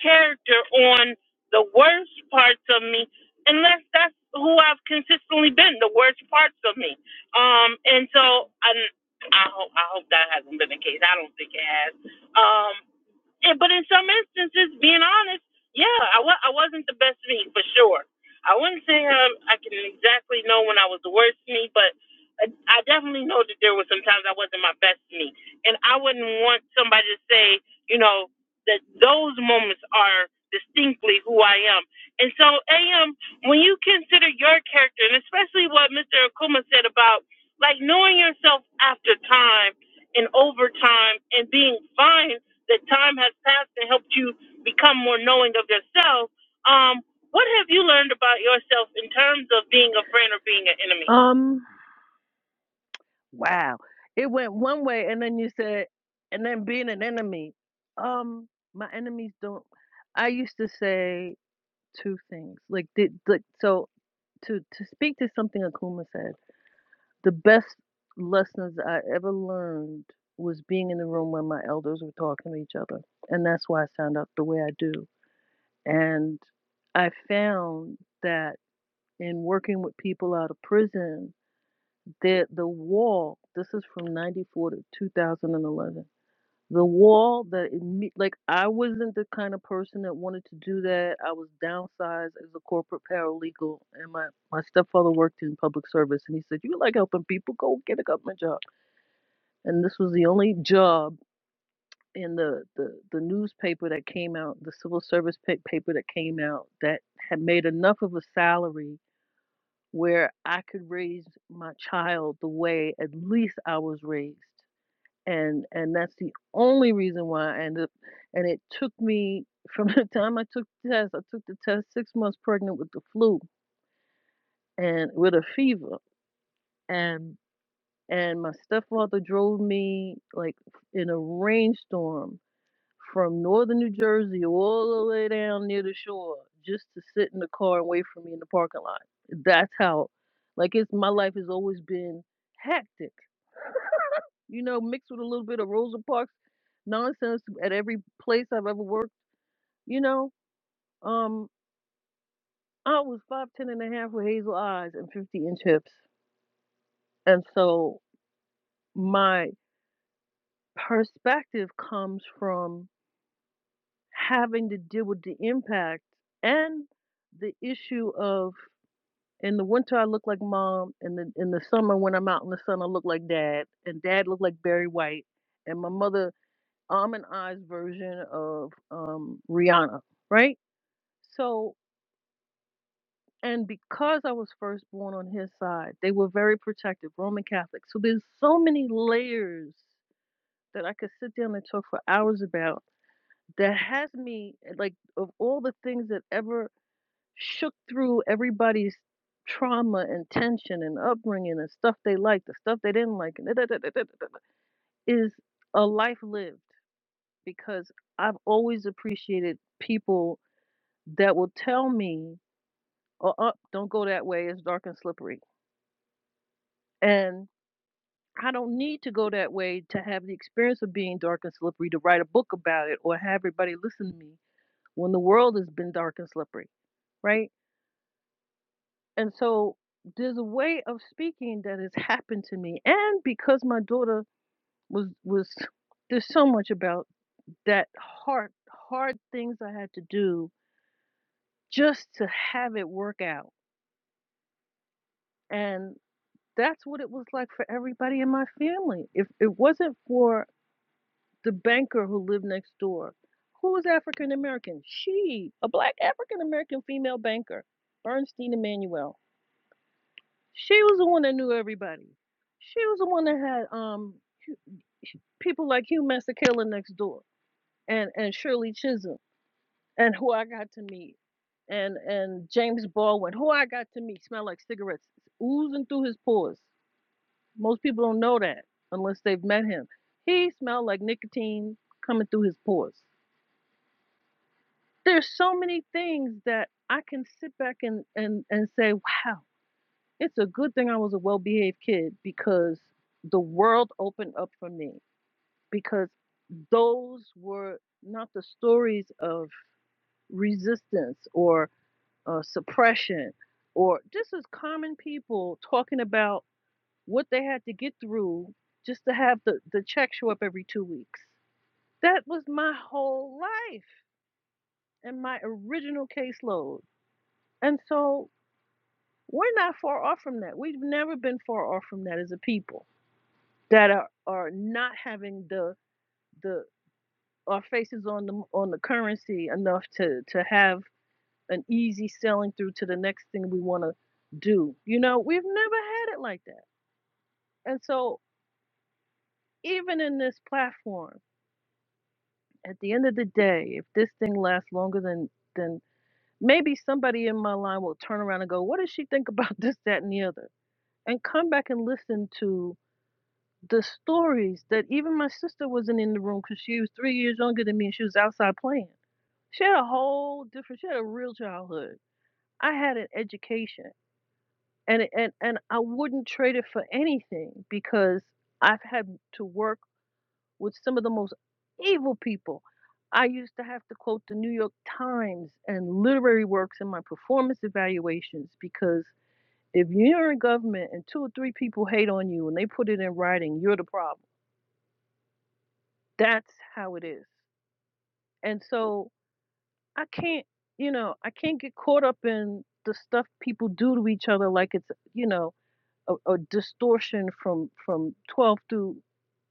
[SPEAKER 1] character on the worst parts of me unless that's who I've consistently been, the worst parts of me. Um and so I I hope I hope that hasn't been the case. I don't think it has. Um yeah, but in some instances, being honest, yeah, I wa- I wasn't the best me for sure. I wouldn't say um, I can exactly know when I was the worst me, but I I definitely know that there was sometimes I wasn't my best me, and I wouldn't want somebody to say, you know, that those moments are distinctly who I am. And so, AM, when you consider your character, and especially what Mr. Akuma said about like knowing yourself after time and over time and being fine that time has passed and helped you become more knowing of yourself. Um, what have you learned about yourself in terms of being a friend or being an enemy?
[SPEAKER 4] Um, wow. It went one way and then you said, and then being an enemy. Um, my enemies don't. I used to say two things. Like, did like so to to speak to something Akuma said The best lessons I ever learned was being in the room when my elders were talking to each other. And that's why I sound out the way I do. And I found that in working with people out of prison, that the wall, this is from 94 to 2011, the wall that, imme- like, I wasn't the kind of person that wanted to do that. I was downsized as a corporate paralegal, and my, my stepfather worked in public service, and he said, You like helping people? Go get a government job and this was the only job in the, the, the newspaper that came out, the civil service pa- paper that came out, that had made enough of a salary where I could raise my child the way at least I was raised. And and that's the only reason why I ended up and it took me from the time I took the test, I took the test six months pregnant with the flu and with a fever. And and my stepfather drove me like in a rainstorm from northern New Jersey all the way down near the shore just to sit in the car and wait for me in the parking lot. That's how, like, it's my life has always been hectic, you know, mixed with a little bit of Rosa Parks nonsense at every place I've ever worked, you know. Um, I was five ten and a half with hazel eyes and 50 inch hips. And so my perspective comes from having to deal with the impact and the issue of In the winter, I look like mom. In the in the summer, when I'm out in the sun, I look like dad. And dad looked like Barry White. And my mother, I'm an I's version of um, Rihanna, right? So, and because I was first born on his side, they were very protective, Roman Catholic. So there's so many layers that I could sit down and talk for hours about. That has me like of all the things that ever shook through everybody's trauma and tension and upbringing and stuff they liked, the stuff they didn't like, and da- da- da- da- da- da- da- is a life lived because I've always appreciated people that will tell me, oh, up, don't go that way, it's dark and slippery. And I don't need to go that way to have the experience of being dark and slippery to write a book about it or have everybody listen to me when the world has been dark and slippery, right? And so there's a way of speaking that has happened to me. And because my daughter was was there's so much about that hard hard things I had to do just to have it work out. And that's what it was like for everybody in my family. If it wasn't for the banker who lived next door, who was African American? She, a black African American female banker, Bernstein Emanuel. She was the one that knew everybody. She was the one that had um hu- people like Hugh Masekela next door, and and Shirley Chisholm, and who I got to meet, and and James Baldwin, who I got to meet, smelled like cigarettes oozing through his pores. Most people don't know that unless they've met him. He smelled like nicotine coming through his pores. There's so many things that I can sit back and and and say, wow, It's a good thing I was a well behaved kid because the world opened up for me because those were not the stories of resistance or uh, suppression or just as common people talking about what they had to get through just to have the, the check show up every two weeks. That was my whole life and my original caseload. And so we're not far off from that. We've never been far off from that as a people that are, are not having the the our faces on the on the currency enough to to have an easy selling through to the next thing we want to do. You know, we've never had it like that. And so even in this platform, at the end of the day, if this thing lasts longer than than maybe somebody in my line will turn around and go, "What does she think about this, that, and the other?" and come back and listen to the stories that even my sister wasn't in the room because she was three years younger than me and she was outside playing She had a whole different. She had a real childhood. I had an education, and and and I wouldn't trade it for anything because I've had to work with some of the most evil people. I used to have to quote the New York Times and literary works in my performance evaluations because if you're in government and two or three people hate on you and they put it in writing, you're the problem. That's how it is. And so I can't, you know, I can't get caught up in the stuff people do to each other like it's, you know, a, a distortion from from 12 through,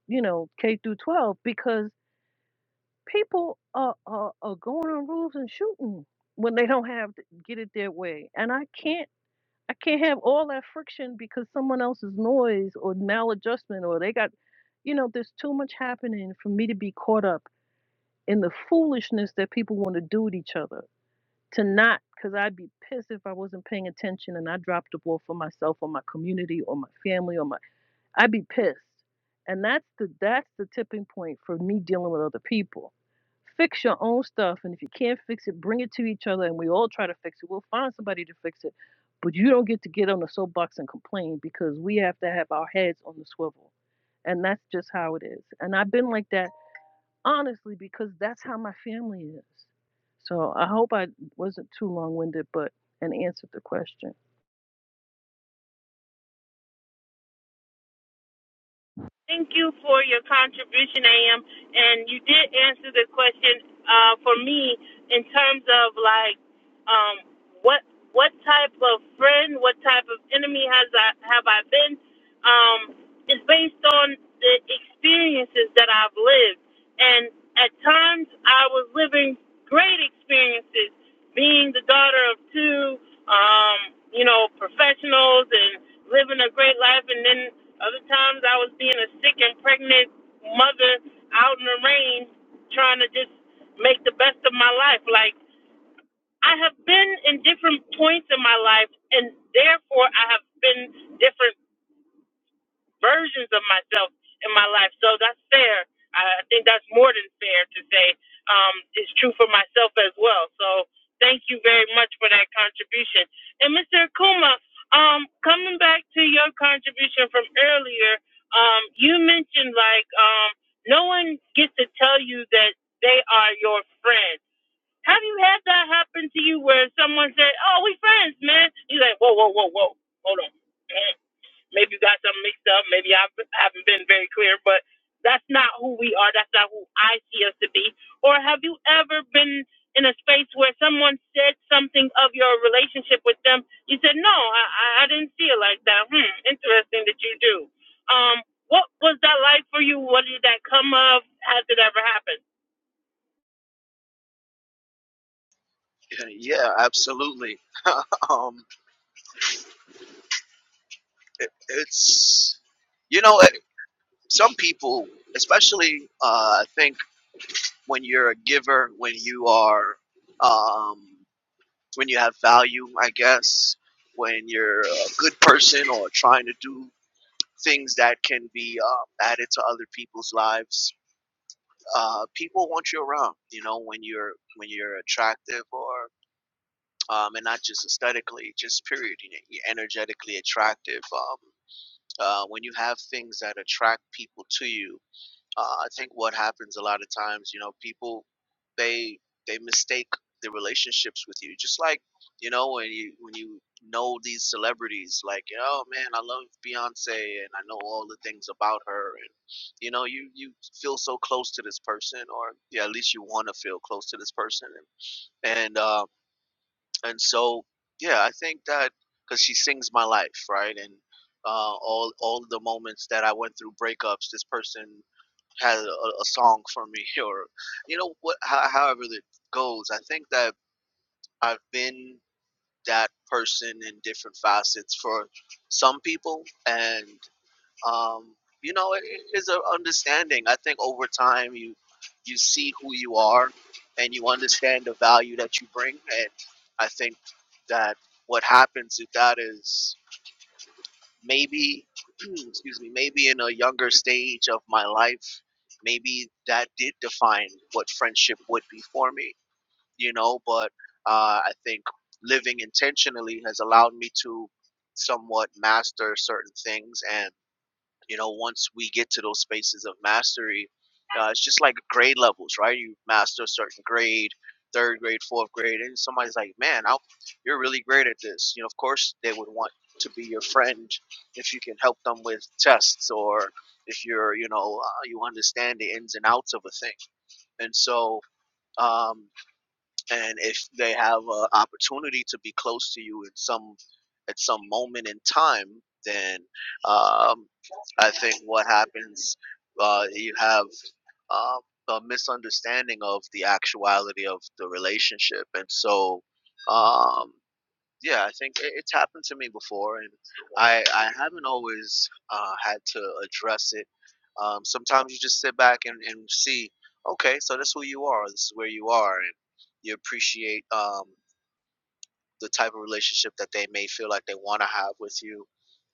[SPEAKER 4] you know, K through 12 because people are, are are going on roofs and shooting when they don't have to get it their way. And I can't I can't have all that friction because someone else's noise or maladjustment or they got, you know, there's too much happening for me to be caught up in the foolishness that people want to do to each other to not because I'd be pissed if I wasn't paying attention and I dropped the ball for myself or my community or my family or my I'd be pissed. And that's the that's the tipping point for me dealing with other people. Fix your own stuff and if you can't fix it, bring it to each other and we all try to fix it. We'll find somebody to fix it. But you don't get to get on the soapbox and complain because we have to have our heads on the swivel. And that's just how it is. And I've been like that honestly, because that's how my family is. So I hope I wasn't too long winded, but and answered the question.
[SPEAKER 1] Thank you for your contribution, AM. And you did answer the question uh, for me in terms of like um, what what type of friend, what type of enemy has I have I been? Um, is based on the experiences that I've lived, and at times I was living great experiences, being the daughter of two, um, you know, professionals and living a great life, and then other times I was being a sick and pregnant mother out in the rain trying to just make the best of my life. Like I have been in different points in my life and therefore I have been different versions of myself in my life. So that's fair. I I think that's more than fair to say. Um, it's true for myself as well. So thank you very much for that contribution. And Mr. Akuma, um, coming back to your contribution from earlier, um, you mentioned like um, no one gets to tell you that they are your friend. Have you had that happen to you where someone said, "Oh, we friends, man"? You're like, "Whoa, whoa, whoa, whoa, hold on." Maybe you got something mixed up. Maybe I've, I haven't been very clear, but that's not who we are. That's not who I see us to be. Or have you ever been in a space where someone said something of your relationship with them? You said, no, I, I I didn't see it like that. Hmm, interesting that you do. Um, what was that like for you? What did that come of? Has it ever happened?
[SPEAKER 5] Yeah, absolutely. um, it, it's you know, it, some people, especially, uh, I think when you're a giver, when you are, um, when you have value, I guess, when you're a good person or trying to do things that can be um, added to other people's lives. Uh, people want you around, you know, when you're when you're attractive or um, and not just aesthetically, just period, you know, you're energetically attractive. Um, uh, when you have things that attract people to you, uh, I think what happens a lot of times, you know, people they they mistake the relationships with you. Just like you know when you when you know these celebrities, like oh man, I love Beyonce and I know all the things about her, and you know you you feel so close to this person, or yeah, at least you want to feel close to this person, and, and um and so yeah i think that because she sings my life right and uh, all all the moments that i went through breakups this person had a, a song for me or you know what how, however that goes i think that i've been that person in different facets for some people and um, you know, it it is a understanding. I think over time you you see who you are and you understand the value that you bring. And I think that what happens with that is maybe, excuse me, maybe in a younger stage of my life, maybe that did define what friendship would be for me, you know. But uh, I think living intentionally has allowed me to somewhat master certain things and you know once we get to those spaces of mastery uh, it's just like grade levels right you master a certain grade third grade fourth grade and somebody's like man i you're really great at this you know of course they would want to be your friend if you can help them with tests or if you're you know uh, you understand the ins and outs of a thing and so um, and if they have an opportunity to be close to you in some at some moment in time, then um, I think what happens uh, you have um, a misunderstanding of the actuality of the relationship, and so. Um, yeah, I think it, it's happened to me before, and I I haven't always uh, had to address it. Um, sometimes you just sit back and, and see, okay, so that's who you are. This is where you are, and you appreciate um, the type of relationship that they may feel like they want to have with you.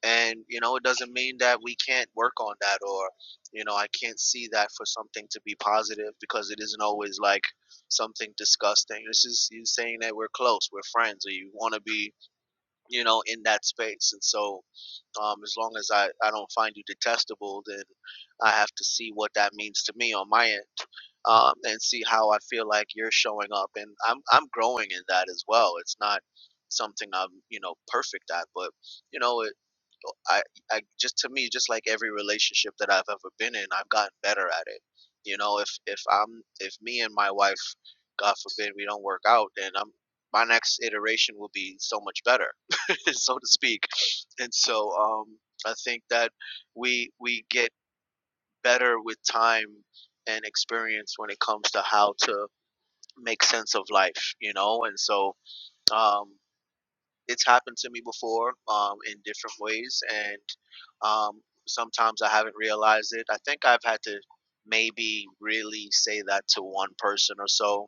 [SPEAKER 5] And you know, it doesn't mean that we can't work on that, or you know, I can't see that for something to be positive because it isn't always like something disgusting. This is you saying that we're close, we're friends, or you want to be you know, in that space. And so, um, as long as I, I don't find you detestable, then I have to see what that means to me on my end um, and see how I feel like you're showing up. And I'm, I'm growing in that as well. It's not something I'm, you know, perfect at, but, you know, it, I, I just to me, just like every relationship that I've ever been in, I've gotten better at it. You know, if if I'm if me and my wife, God forbid, we don't work out, then I'm my next iteration will be so much better. so to speak. And so um, I think that we we get better with time and experience when it comes to how to make sense of life, you know. And so um, it's happened to me before um, in different ways, and um, sometimes I haven't realized it. I think I've had to maybe really say that to one person or so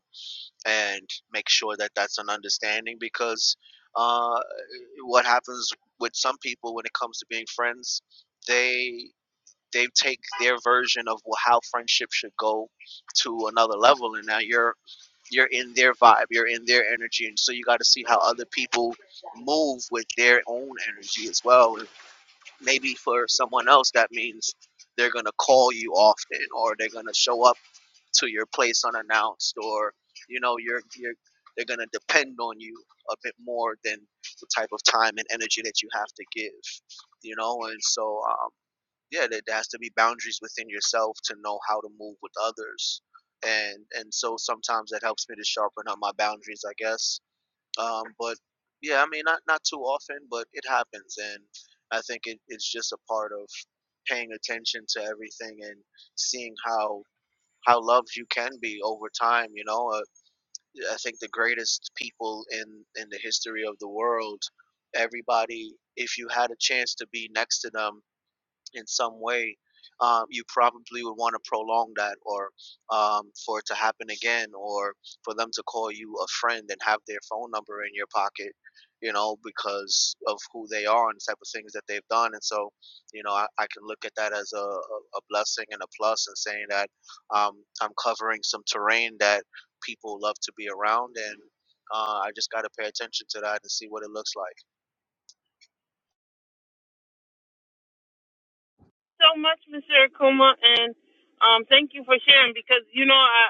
[SPEAKER 5] and make sure that that's an understanding because uh, what happens with some people when it comes to being friends they they take their version of wh- how friendship should go to another level and now you're you're in their vibe you're in their energy and so you got to see how other people move with their own energy as well Maybe for someone else, that means they're going to call you often or they're going to show up to your place unannounced or, you know, you're, you're, they're going to depend on you a bit more than the type of time and energy that you have to give, you know? And so, um, yeah, there, there has to be boundaries within yourself to know how to move with others. And, and so sometimes that helps me to sharpen up my boundaries, I guess um, but yeah, I mean, not not too often, but it happens, and I think it, it's just a part of paying attention to everything and seeing how how loved you can be over time. You know, uh, I think the greatest people in in the history of the world, everybody, if you had a chance to be next to them in some way, um, you probably would want to prolong that or um, for it to happen again or for them to call you a friend and have their phone number in your pocket, you know, because of who they are and the type of things that they've done. And so, you know, I, I can look at that as a, a a blessing and a plus and saying that um, I'm covering some terrain that people love to be around. And uh, I just got to pay attention to that and see what it looks like.
[SPEAKER 1] So much, Mr. Akuma, and um, thank you for sharing because, you know, I.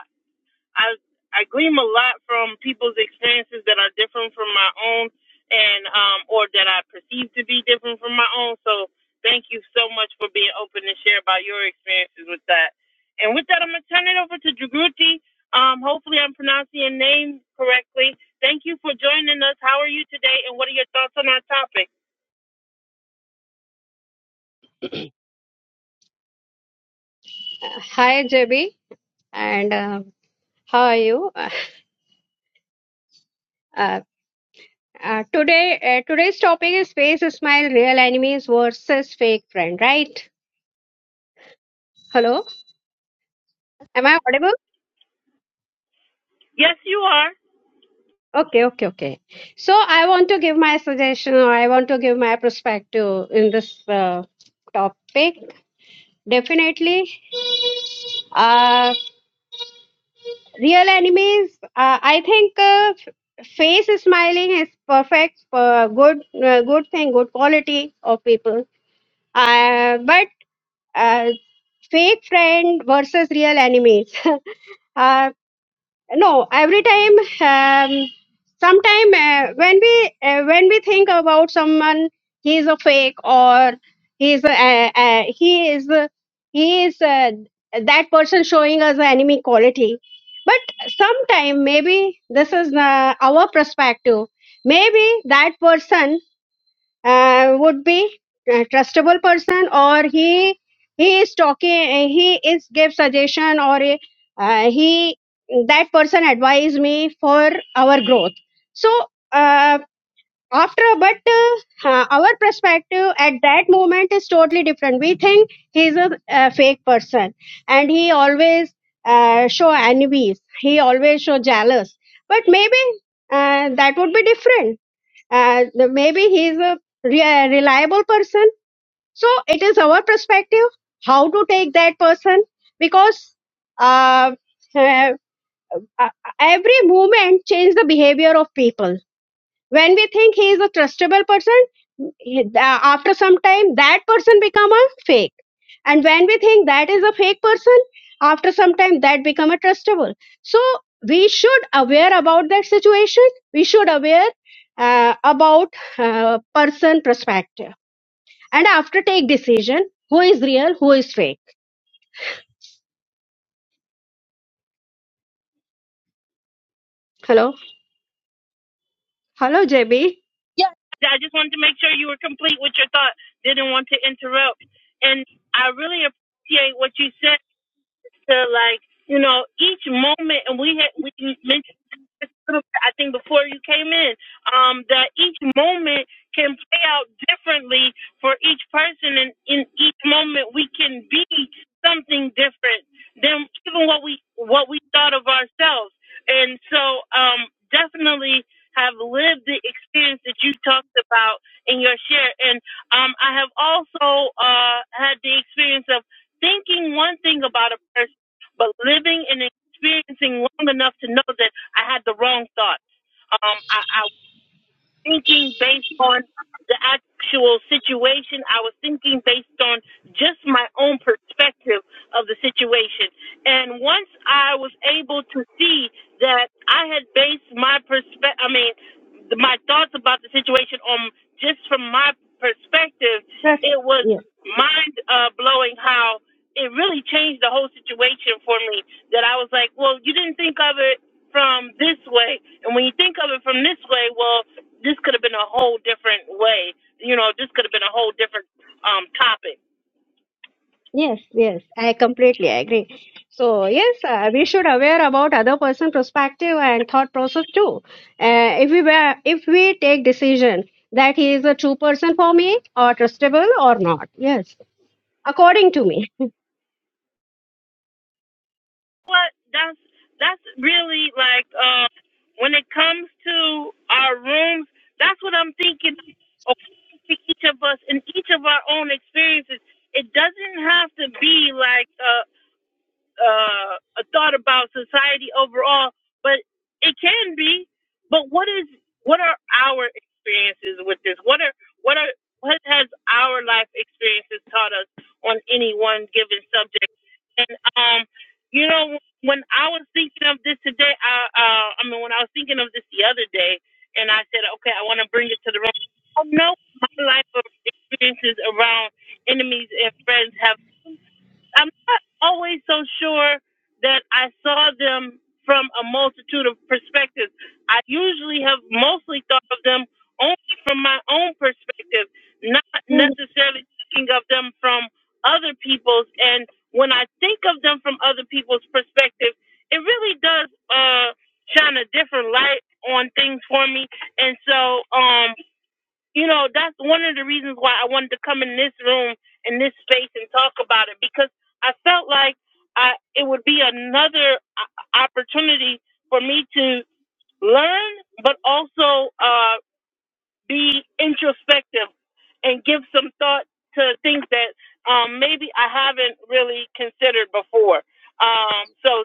[SPEAKER 1] I I glean a lot from people's experiences that are different from my own, and um, or that I perceive to be different from my own. So thank you so much for being open to share about your experiences with that. And with that, I'm gonna turn it over to Dragruti. Um, hopefully, I'm pronouncing your name correctly. Thank you for joining us. How are you today, and what are your thoughts on our topic?
[SPEAKER 6] Hi, JB, and uh, how are you? Uh, uh, today, uh, today's topic is face smile, real enemies versus fake friend, right? Hello, am I audible?
[SPEAKER 1] Yes, you are.
[SPEAKER 6] Okay, okay, okay. So I want to give my suggestion, or I want to give my perspective in this uh, topic. Definitely, uh, real enemies. Uh, I think uh, f- face smiling is perfect, uh, good, uh, good thing, good quality of people. Uh, but uh, fake friend versus real enemies. uh, no, every time, um, sometime uh, when we uh, when we think about someone, he is a fake or he is a, uh, uh, he is a- he is uh, that person showing us the enemy quality. But sometime maybe this is uh, our perspective. Maybe that person uh, would be a trustable person or he he is talking he is give suggestion or uh, he that person advise me for our growth so uh, after but uh, our perspective at that moment is totally different we think he is a, a fake person and he always uh, show enemies he always show jealous but maybe uh, that would be different and maybe he's a re- uh, reliable person. So it is our perspective how to take that person because uh, uh, uh, every movement change the behavior of people when we think he is a trustable person, he- uh, after some time that person become a fake. And when we think that is a fake person, after some time that become a trustable. So we should aware about that situation. We should aware uh, about uh, person perspective and after take decision who is real, who is fake. Hello, hello, JB.
[SPEAKER 1] I just wanted to make sure you were complete with your thought. Didn't want to interrupt. And I really appreciate what you said to like you know each moment and we had we just little bit, I think before you came in, um, that each moment can play out differently for each person, and in each moment we can be something different than even what we what we thought of ourselves. And so, um, definitely have lived the experience that you talked about in your share, and um, I have also uh, had the experience of thinking one thing about a person, but living and experiencing long enough to know that. I had the wrong thoughts. Um, I, I thinking based on the actual situation. I was thinking based on just my own perspective of the situation. And once I was able to see that I had based my perspective, I mean, my thoughts about the situation on just from my perspective, it
[SPEAKER 6] Yes.
[SPEAKER 1] was mind uh, blowing how it really changed the whole situation for me. That I was like, well, you didn't think of it from this way. And when you think of it from this way, well, this could have been a whole different way. You know, this could have been a whole different um topic.
[SPEAKER 6] Yes, yes, I completely agree. So yes, uh, we should aware about other person perspective and thought process too. Uh, if we were, if we take decision that he is a true person for me or trustable or not. Yes, according to me.
[SPEAKER 1] But that's that's really like uh, when it comes to our rooms, that's what I'm thinking according to each of us in each of our own experiences. It doesn't have to be like a. uh, a thought about society overall, but it can be. But what is what are our experiences with this? What are what are what has our life experiences taught us on any one given subject? And um, you know, when I was thinking of this today, I uh, I mean, when I was thinking of this the other day, and I said, okay, I want to bring it to the room. I know my life of experiences around enemies and friends have. I'm not always so sure that I saw them from a multitude of perspectives. I usually have mostly thought of them only from my own perspective, not
[SPEAKER 6] Hmm,
[SPEAKER 1] necessarily thinking of them from other people's. And when I think of them from other people's perspective, it really does uh, shine a different light on things for me. And so, um, you know, that's one of the reasons why I wanted to come in this room in this space and talk about it because I felt like I it would be another o- opportunity for me to learn, but also uh, be introspective and give some thought to things that um, maybe I haven't really considered before. Um, so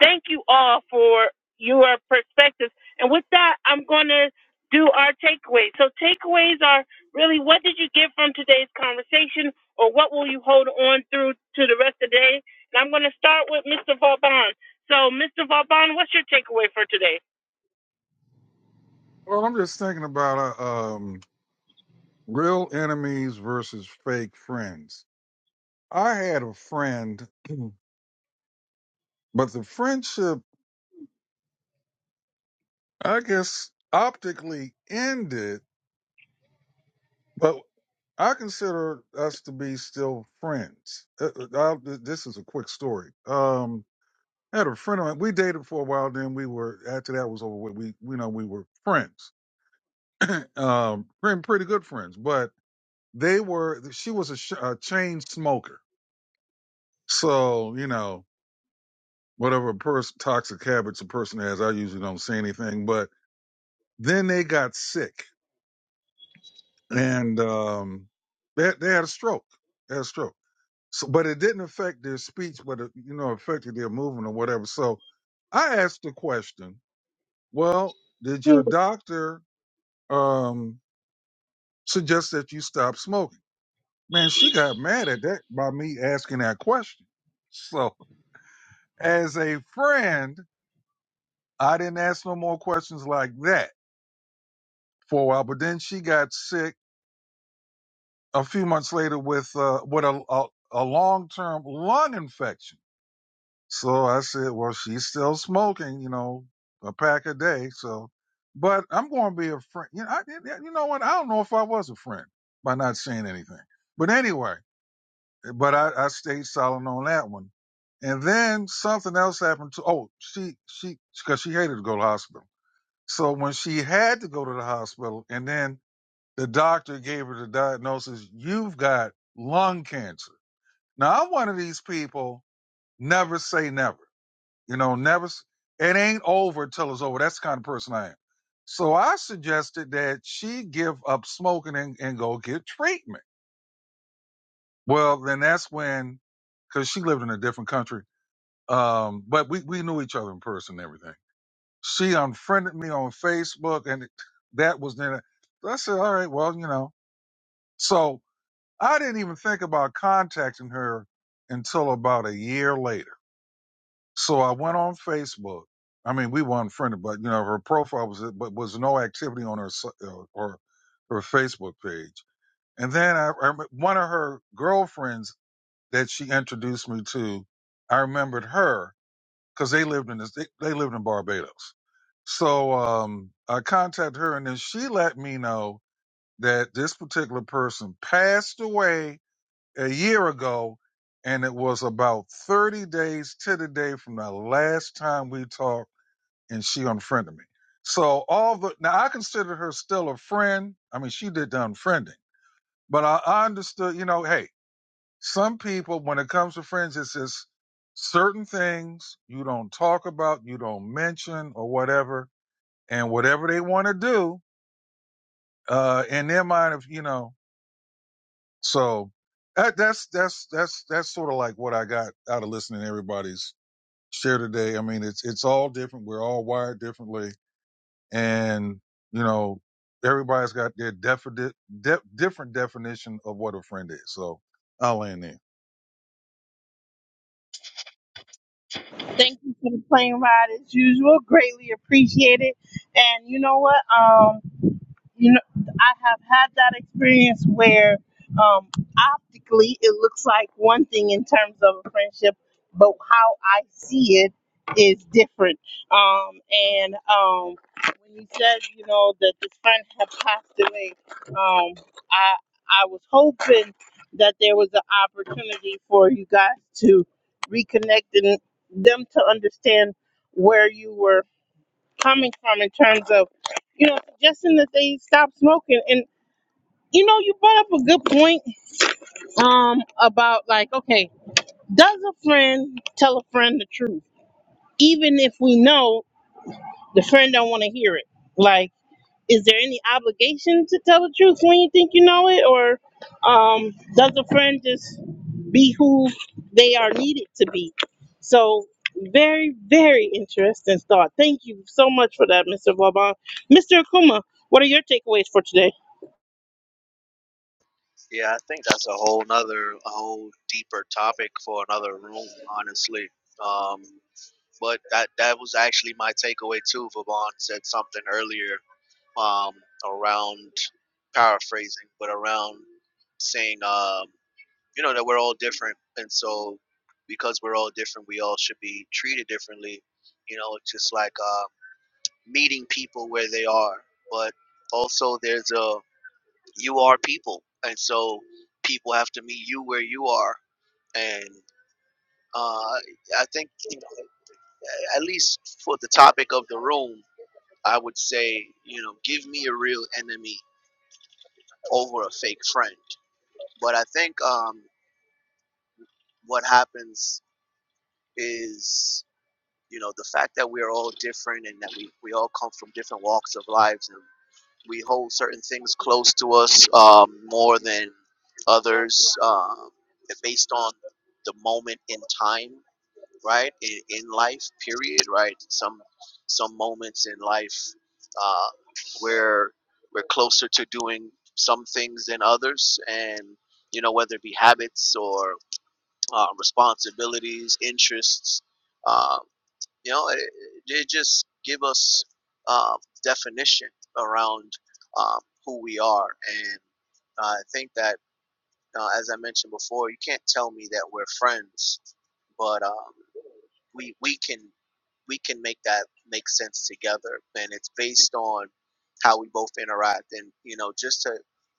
[SPEAKER 1] Thank you all for your perspectives. And with that, I'm going to do our takeaways. So, takeaways are really what did you get from today's conversation, or what will you hold on through to the rest of the day? And I'm going to start with Mr. Vauban. So, Mr. Vauban, what's your takeaway for today?
[SPEAKER 3] Well, I'm just thinking about uh, um, real enemies versus fake friends. I had a friend, but the friendship I guess optically ended, but I consider us to be still friends. Uh, uh, I'll, th- this is a quick story. Um, I had a friend of mine. We dated for a while. Then we were after that was over. with, We you know we were friends, um, pretty pretty good friends. But they were. She was a, sh- a chain smoker. So you know whatever pers- toxic habits a person has, I usually don't say anything. But then they got sick and um, they they had a stroke. They had a stroke. So, but it didn't affect their speech, but it, you know, affected their movement or whatever. So, I asked the question: Well, did
[SPEAKER 6] hmm.
[SPEAKER 3] your doctor um, suggest that you stop smoking? Man, she got mad at that by me asking that question. So, as a friend, I didn't ask no more questions like that for a while. But then she got sick a few months later with uh, with a, a, a long term lung infection So I said, well, she's still smoking, you know, a pack a day. So, but I'm going to be a friend. You know, I, you know what? I don't know if I was a friend by not saying anything. But anyway, but I, I stayed silent on that one. And then something else happened to, oh, she, she, cause she hated to go to the hospital. So when she had to go to the hospital and then the doctor gave her the diagnosis, you've got lung cancer. Now I'm one of these people, never say never. You know, never. s- It ain't over till it's over. That's the kind of person I am. So I suggested that she give up smoking and, and go get treatment. Well, then that's when, because she lived in a different country, um, but we we knew each other in person and everything. She unfriended me on Facebook, and that was then. I said, all right, well, you know. So I didn't even think about contacting her until about a year later So I went on Facebook. I mean, we weren't friendly, but you know, her profile was, but was no activity on her so- uh, or her Facebook page. And then I, I rem- one of her girlfriends that she introduced me to, I remembered her because they lived in this, they, they lived in Barbados. So um, I contacted her, and then she let me know that this particular person passed away a year ago, and it was about 30 days to the day from the last time we talked, and she unfriended me. So all the now I consider her still a friend. I mean, she did the unfriending, but I, I understood. You know, hey, some people when it comes to friends, it's just certain things you don't talk about, you don't mention, or whatever, and whatever they want to do. Uh, in their mind, if you know, So that, that's that's that's that's sort of like what I got out of listening to everybody's share today. I mean, it's it's all different. We're all wired differently, and you know, everybody's got their defi- de- different definition of what a friend is. So I'll end there.
[SPEAKER 1] Thank you for the plane ride as usual. Greatly appreciated. And you know what? Um, you know, I have had that experience where um, optically it looks like one thing in terms of a friendship, but how I see it is different. Um, and um, when you said, you know, that this friend had passed away, um, I I was hoping that there was an opportunity for you guys to reconnect and them to understand where you were coming from in terms of, you know, suggesting that they stop smoking. And you know, you brought up a good point um about like, okay, does a friend tell a friend the truth, even if we know the friend don't want to hear it? Like, is there any obligation to tell the truth when you think you know it, or um, does a friend just be who they are needed to be. So very, very interesting thought. Thank you so much for that, Mr. Vauban. Mr. Akuma, what are your takeaways for today?
[SPEAKER 5] Yeah, I think that's a whole nother, a whole deeper topic for another room, honestly. Um, but that that was actually my takeaway too. Vaughn said something earlier um, around paraphrasing, but around saying, um, you know, that we're all different, and so because we're all different, we all should be treated differently. You know, just like uh, meeting people where they are, but also there's a you are people, and so people have to meet you where you are. And uh, I think, you know, at least for the topic of the room, I would say, you know, give me a real enemy over a fake friend. But I think um, what happens is, you know, the fact that we're all different and that we, we all come from different walks of lives and. we hold certain things close to us um, more than others um, based on the moment in time right in, in life period right some some moments in life uh, where we're closer to doing some things than others and you know whether it be habits or uh, responsibilities interests um, you know, it, it just give us um, definition around um, who we are, and uh, I think that uh, as I mentioned before, you can't tell me that we're friends, but um, we we can we can make that make sense together, and it's based on how we both interact, and you know, just to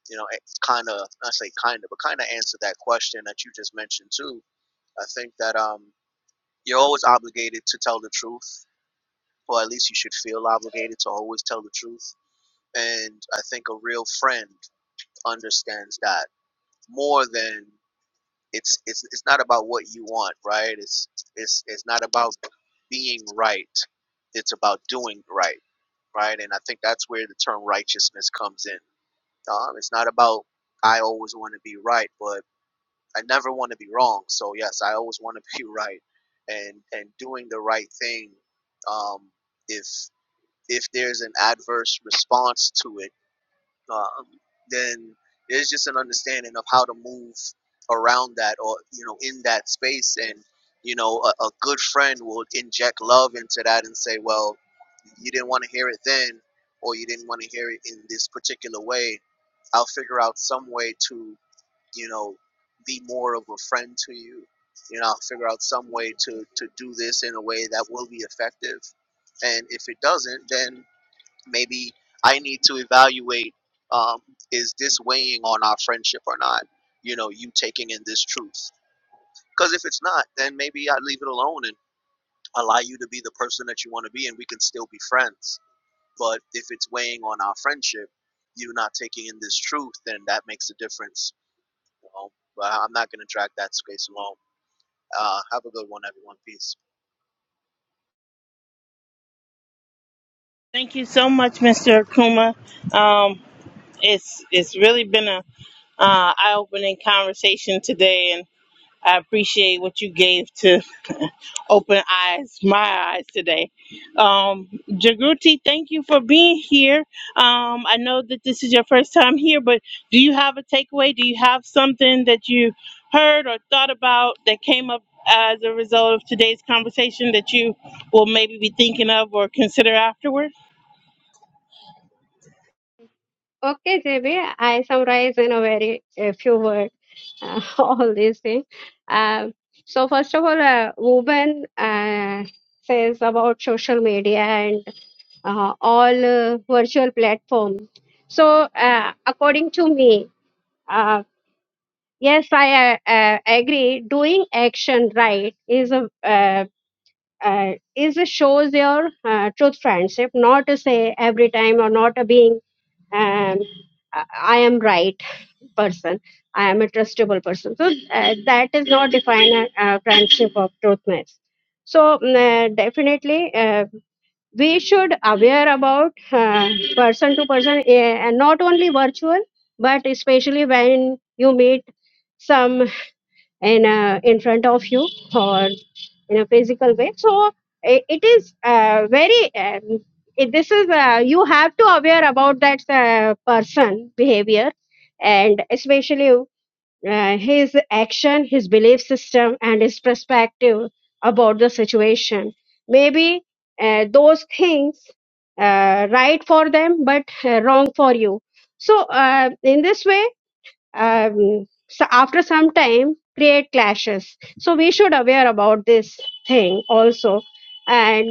[SPEAKER 5] you know, kind of not say kind of, but kind of answer that question that you just mentioned too. I think that um, you're always obligated to tell the truth or at least you should feel obligated to always tell the truth. And I think a real friend understands that more than it's it's it's not about what you want, right? It's it's it's not about being right. It's about doing right, right? And I think that's where the term righteousness comes in. Um, it's not about I always want to be right, but I never want to be wrong. So yes, I always want to be right, and and doing the right thing um, if if there's an adverse response to it, um, then there's just an understanding of how to move around that or, you know, in that space. And, you know, a, a good friend will inject love into that and say, well, you didn't want to hear it then, or you didn't want to hear it in this particular way. I'll figure out some way to, you know, be more of a friend to you. You know, I'll figure out some way to, to do this in a way that will be effective. And if it doesn't, then maybe I need to evaluate um, is this weighing on our friendship or not? You know, you taking in this truth. Because if it's not, then maybe I leave it alone and allow you to be the person that you want to be, and we can still be friends. But if it's weighing on our friendship, you not taking in this truth, then that makes a difference. You know? But I'm not going to drag that space alone. Uh, have a good one, everyone. Peace.
[SPEAKER 1] Thank you so much, Mr. Akuma. Um, it's it's really been a uh, eye-opening conversation today, and I appreciate what you gave to. open eyes, my eyes today. Um, Jagruti, thank you for being here. Um, I know that this is your first time here, but do you have a takeaway? Do you have something that you heard or thought about that came up as a result of today's conversation that you will maybe be thinking of or consider afterward?
[SPEAKER 6] Okay, JB, I summarize in a very a few words uh, all these things. Um, so first of all, uh, woman uh, says about social media and uh, all uh, virtual platform. So uh, according to me, uh, yes, I uh, uh, agree. Doing action right is a uh, uh, is a shows your uh, truth friendship. Not to say every time or not a being. Um, I I am right person i am a trustable person so uh, that is not defined a uh, friendship of truthfulness so mm, uh, definitely uh, we should aware about uh, person to person uh, and not only virtual but especially when you meet some in uh, in front of you or in a physical way so i- it is uh, very um, it, this is uh, you have to aware about that uh, person behavior and especially uh, his action, his belief system, and his perspective about the situation. Maybe uh, those things uh, right for them, but uh, wrong for you. So uh, in this way, um, so after some time, create clashes. So we should aware about this thing also, and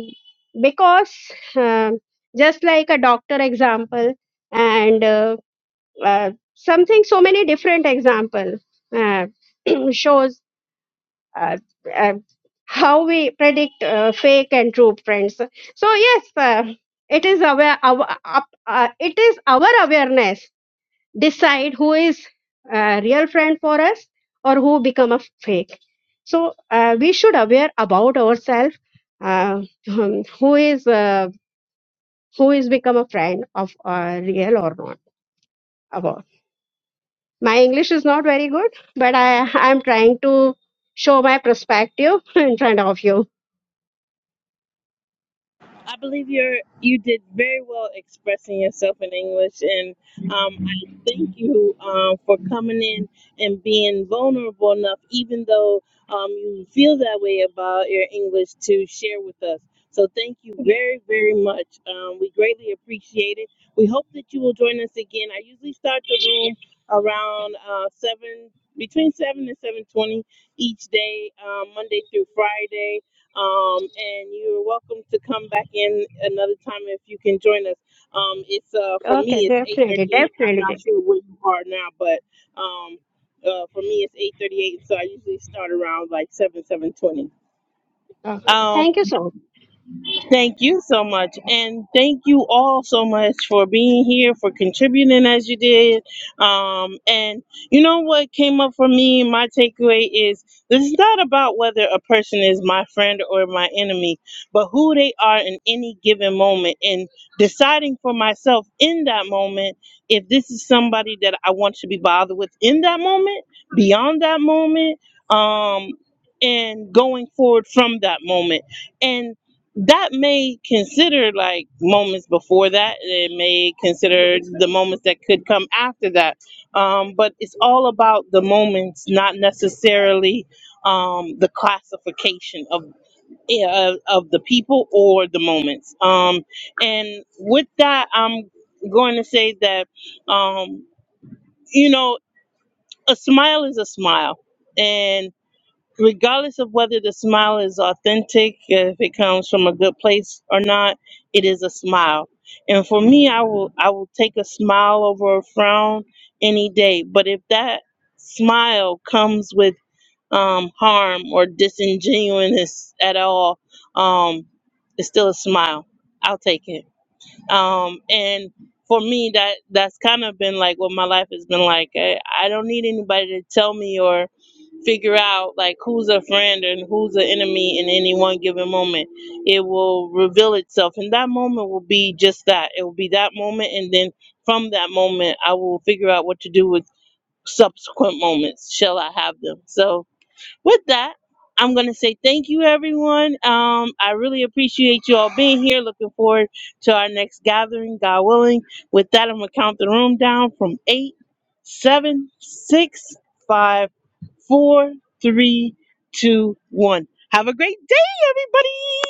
[SPEAKER 6] because um just like a doctor example and. Uh, uh, something so many different example uh, shows uh, uh, how we predict uh, fake and true friends so yes uh, it is aware our, up- uh, it is our awareness decide who is a real friend for us or who become a fake so uh, we should aware about ourselves uh, um, who is uh, who is become a friend of uh, real or not about My English is not very good, but I I'm trying to show my perspective in front of you.
[SPEAKER 1] I believe you're you did very well expressing yourself in English, and um, I thank you um, for coming in and being vulnerable enough, even though um, you feel that way about your English, to share with us. So thank you very very much. Um, we greatly appreciate it. We hope that you will join us again. I usually start the room around uh, seven, between seven and seven twenty each day, um, Monday through Friday um, and you're welcome to come back in another time if you can join us. Um, it's uh, for
[SPEAKER 6] Okay,
[SPEAKER 1] me, it's
[SPEAKER 6] definitely,
[SPEAKER 1] 8:38. I'm
[SPEAKER 6] definitely.
[SPEAKER 1] not sure where you are now, but um, uh, for me, it's 8:38, so I usually start around like 7, 7:20.
[SPEAKER 6] Okay. Thank you so much.
[SPEAKER 1] Thank you so much. And thank you all so much for being here, for contributing as you did. Um, and you know what came up for me, my takeaway is this is not about whether a person is my friend or my enemy, but who they are in any given moment and deciding for myself in that moment if this is somebody that I want to be bothered with in that moment, beyond that moment, um, and going forward from that moment. And that may consider like moments before that it may consider the moments that could come after that um, but it's all about the moments not necessarily um, the classification of uh, of the people or the moments um, and with that i'm going to say that um, you know a smile is a smile and regardless of whether the smile is authentic, if it comes from a good place or not, it is a smile. And for me, I will I will take a smile over a frown any day. But if that smile comes with um, harm or disingenuousness at all, um, it's still a smile. I'll take it. Um, and for me, that that's kind of been like what my life has been like. I, I don't need anybody to tell me or figure out like who's a friend and who's an enemy in any one given moment. It will reveal itself, and that moment will be just that. It will be that moment, and then from that moment, I will figure out what to do with subsequent moments. Shall I have them? So, with that, I'm gonna say thank you, everyone. Um, I really appreciate you all being here. Looking forward to our next gathering, God willing. With that, I'm gonna count the room down from eight, seven, six, five four, three, two, one. Have a great day, everybody.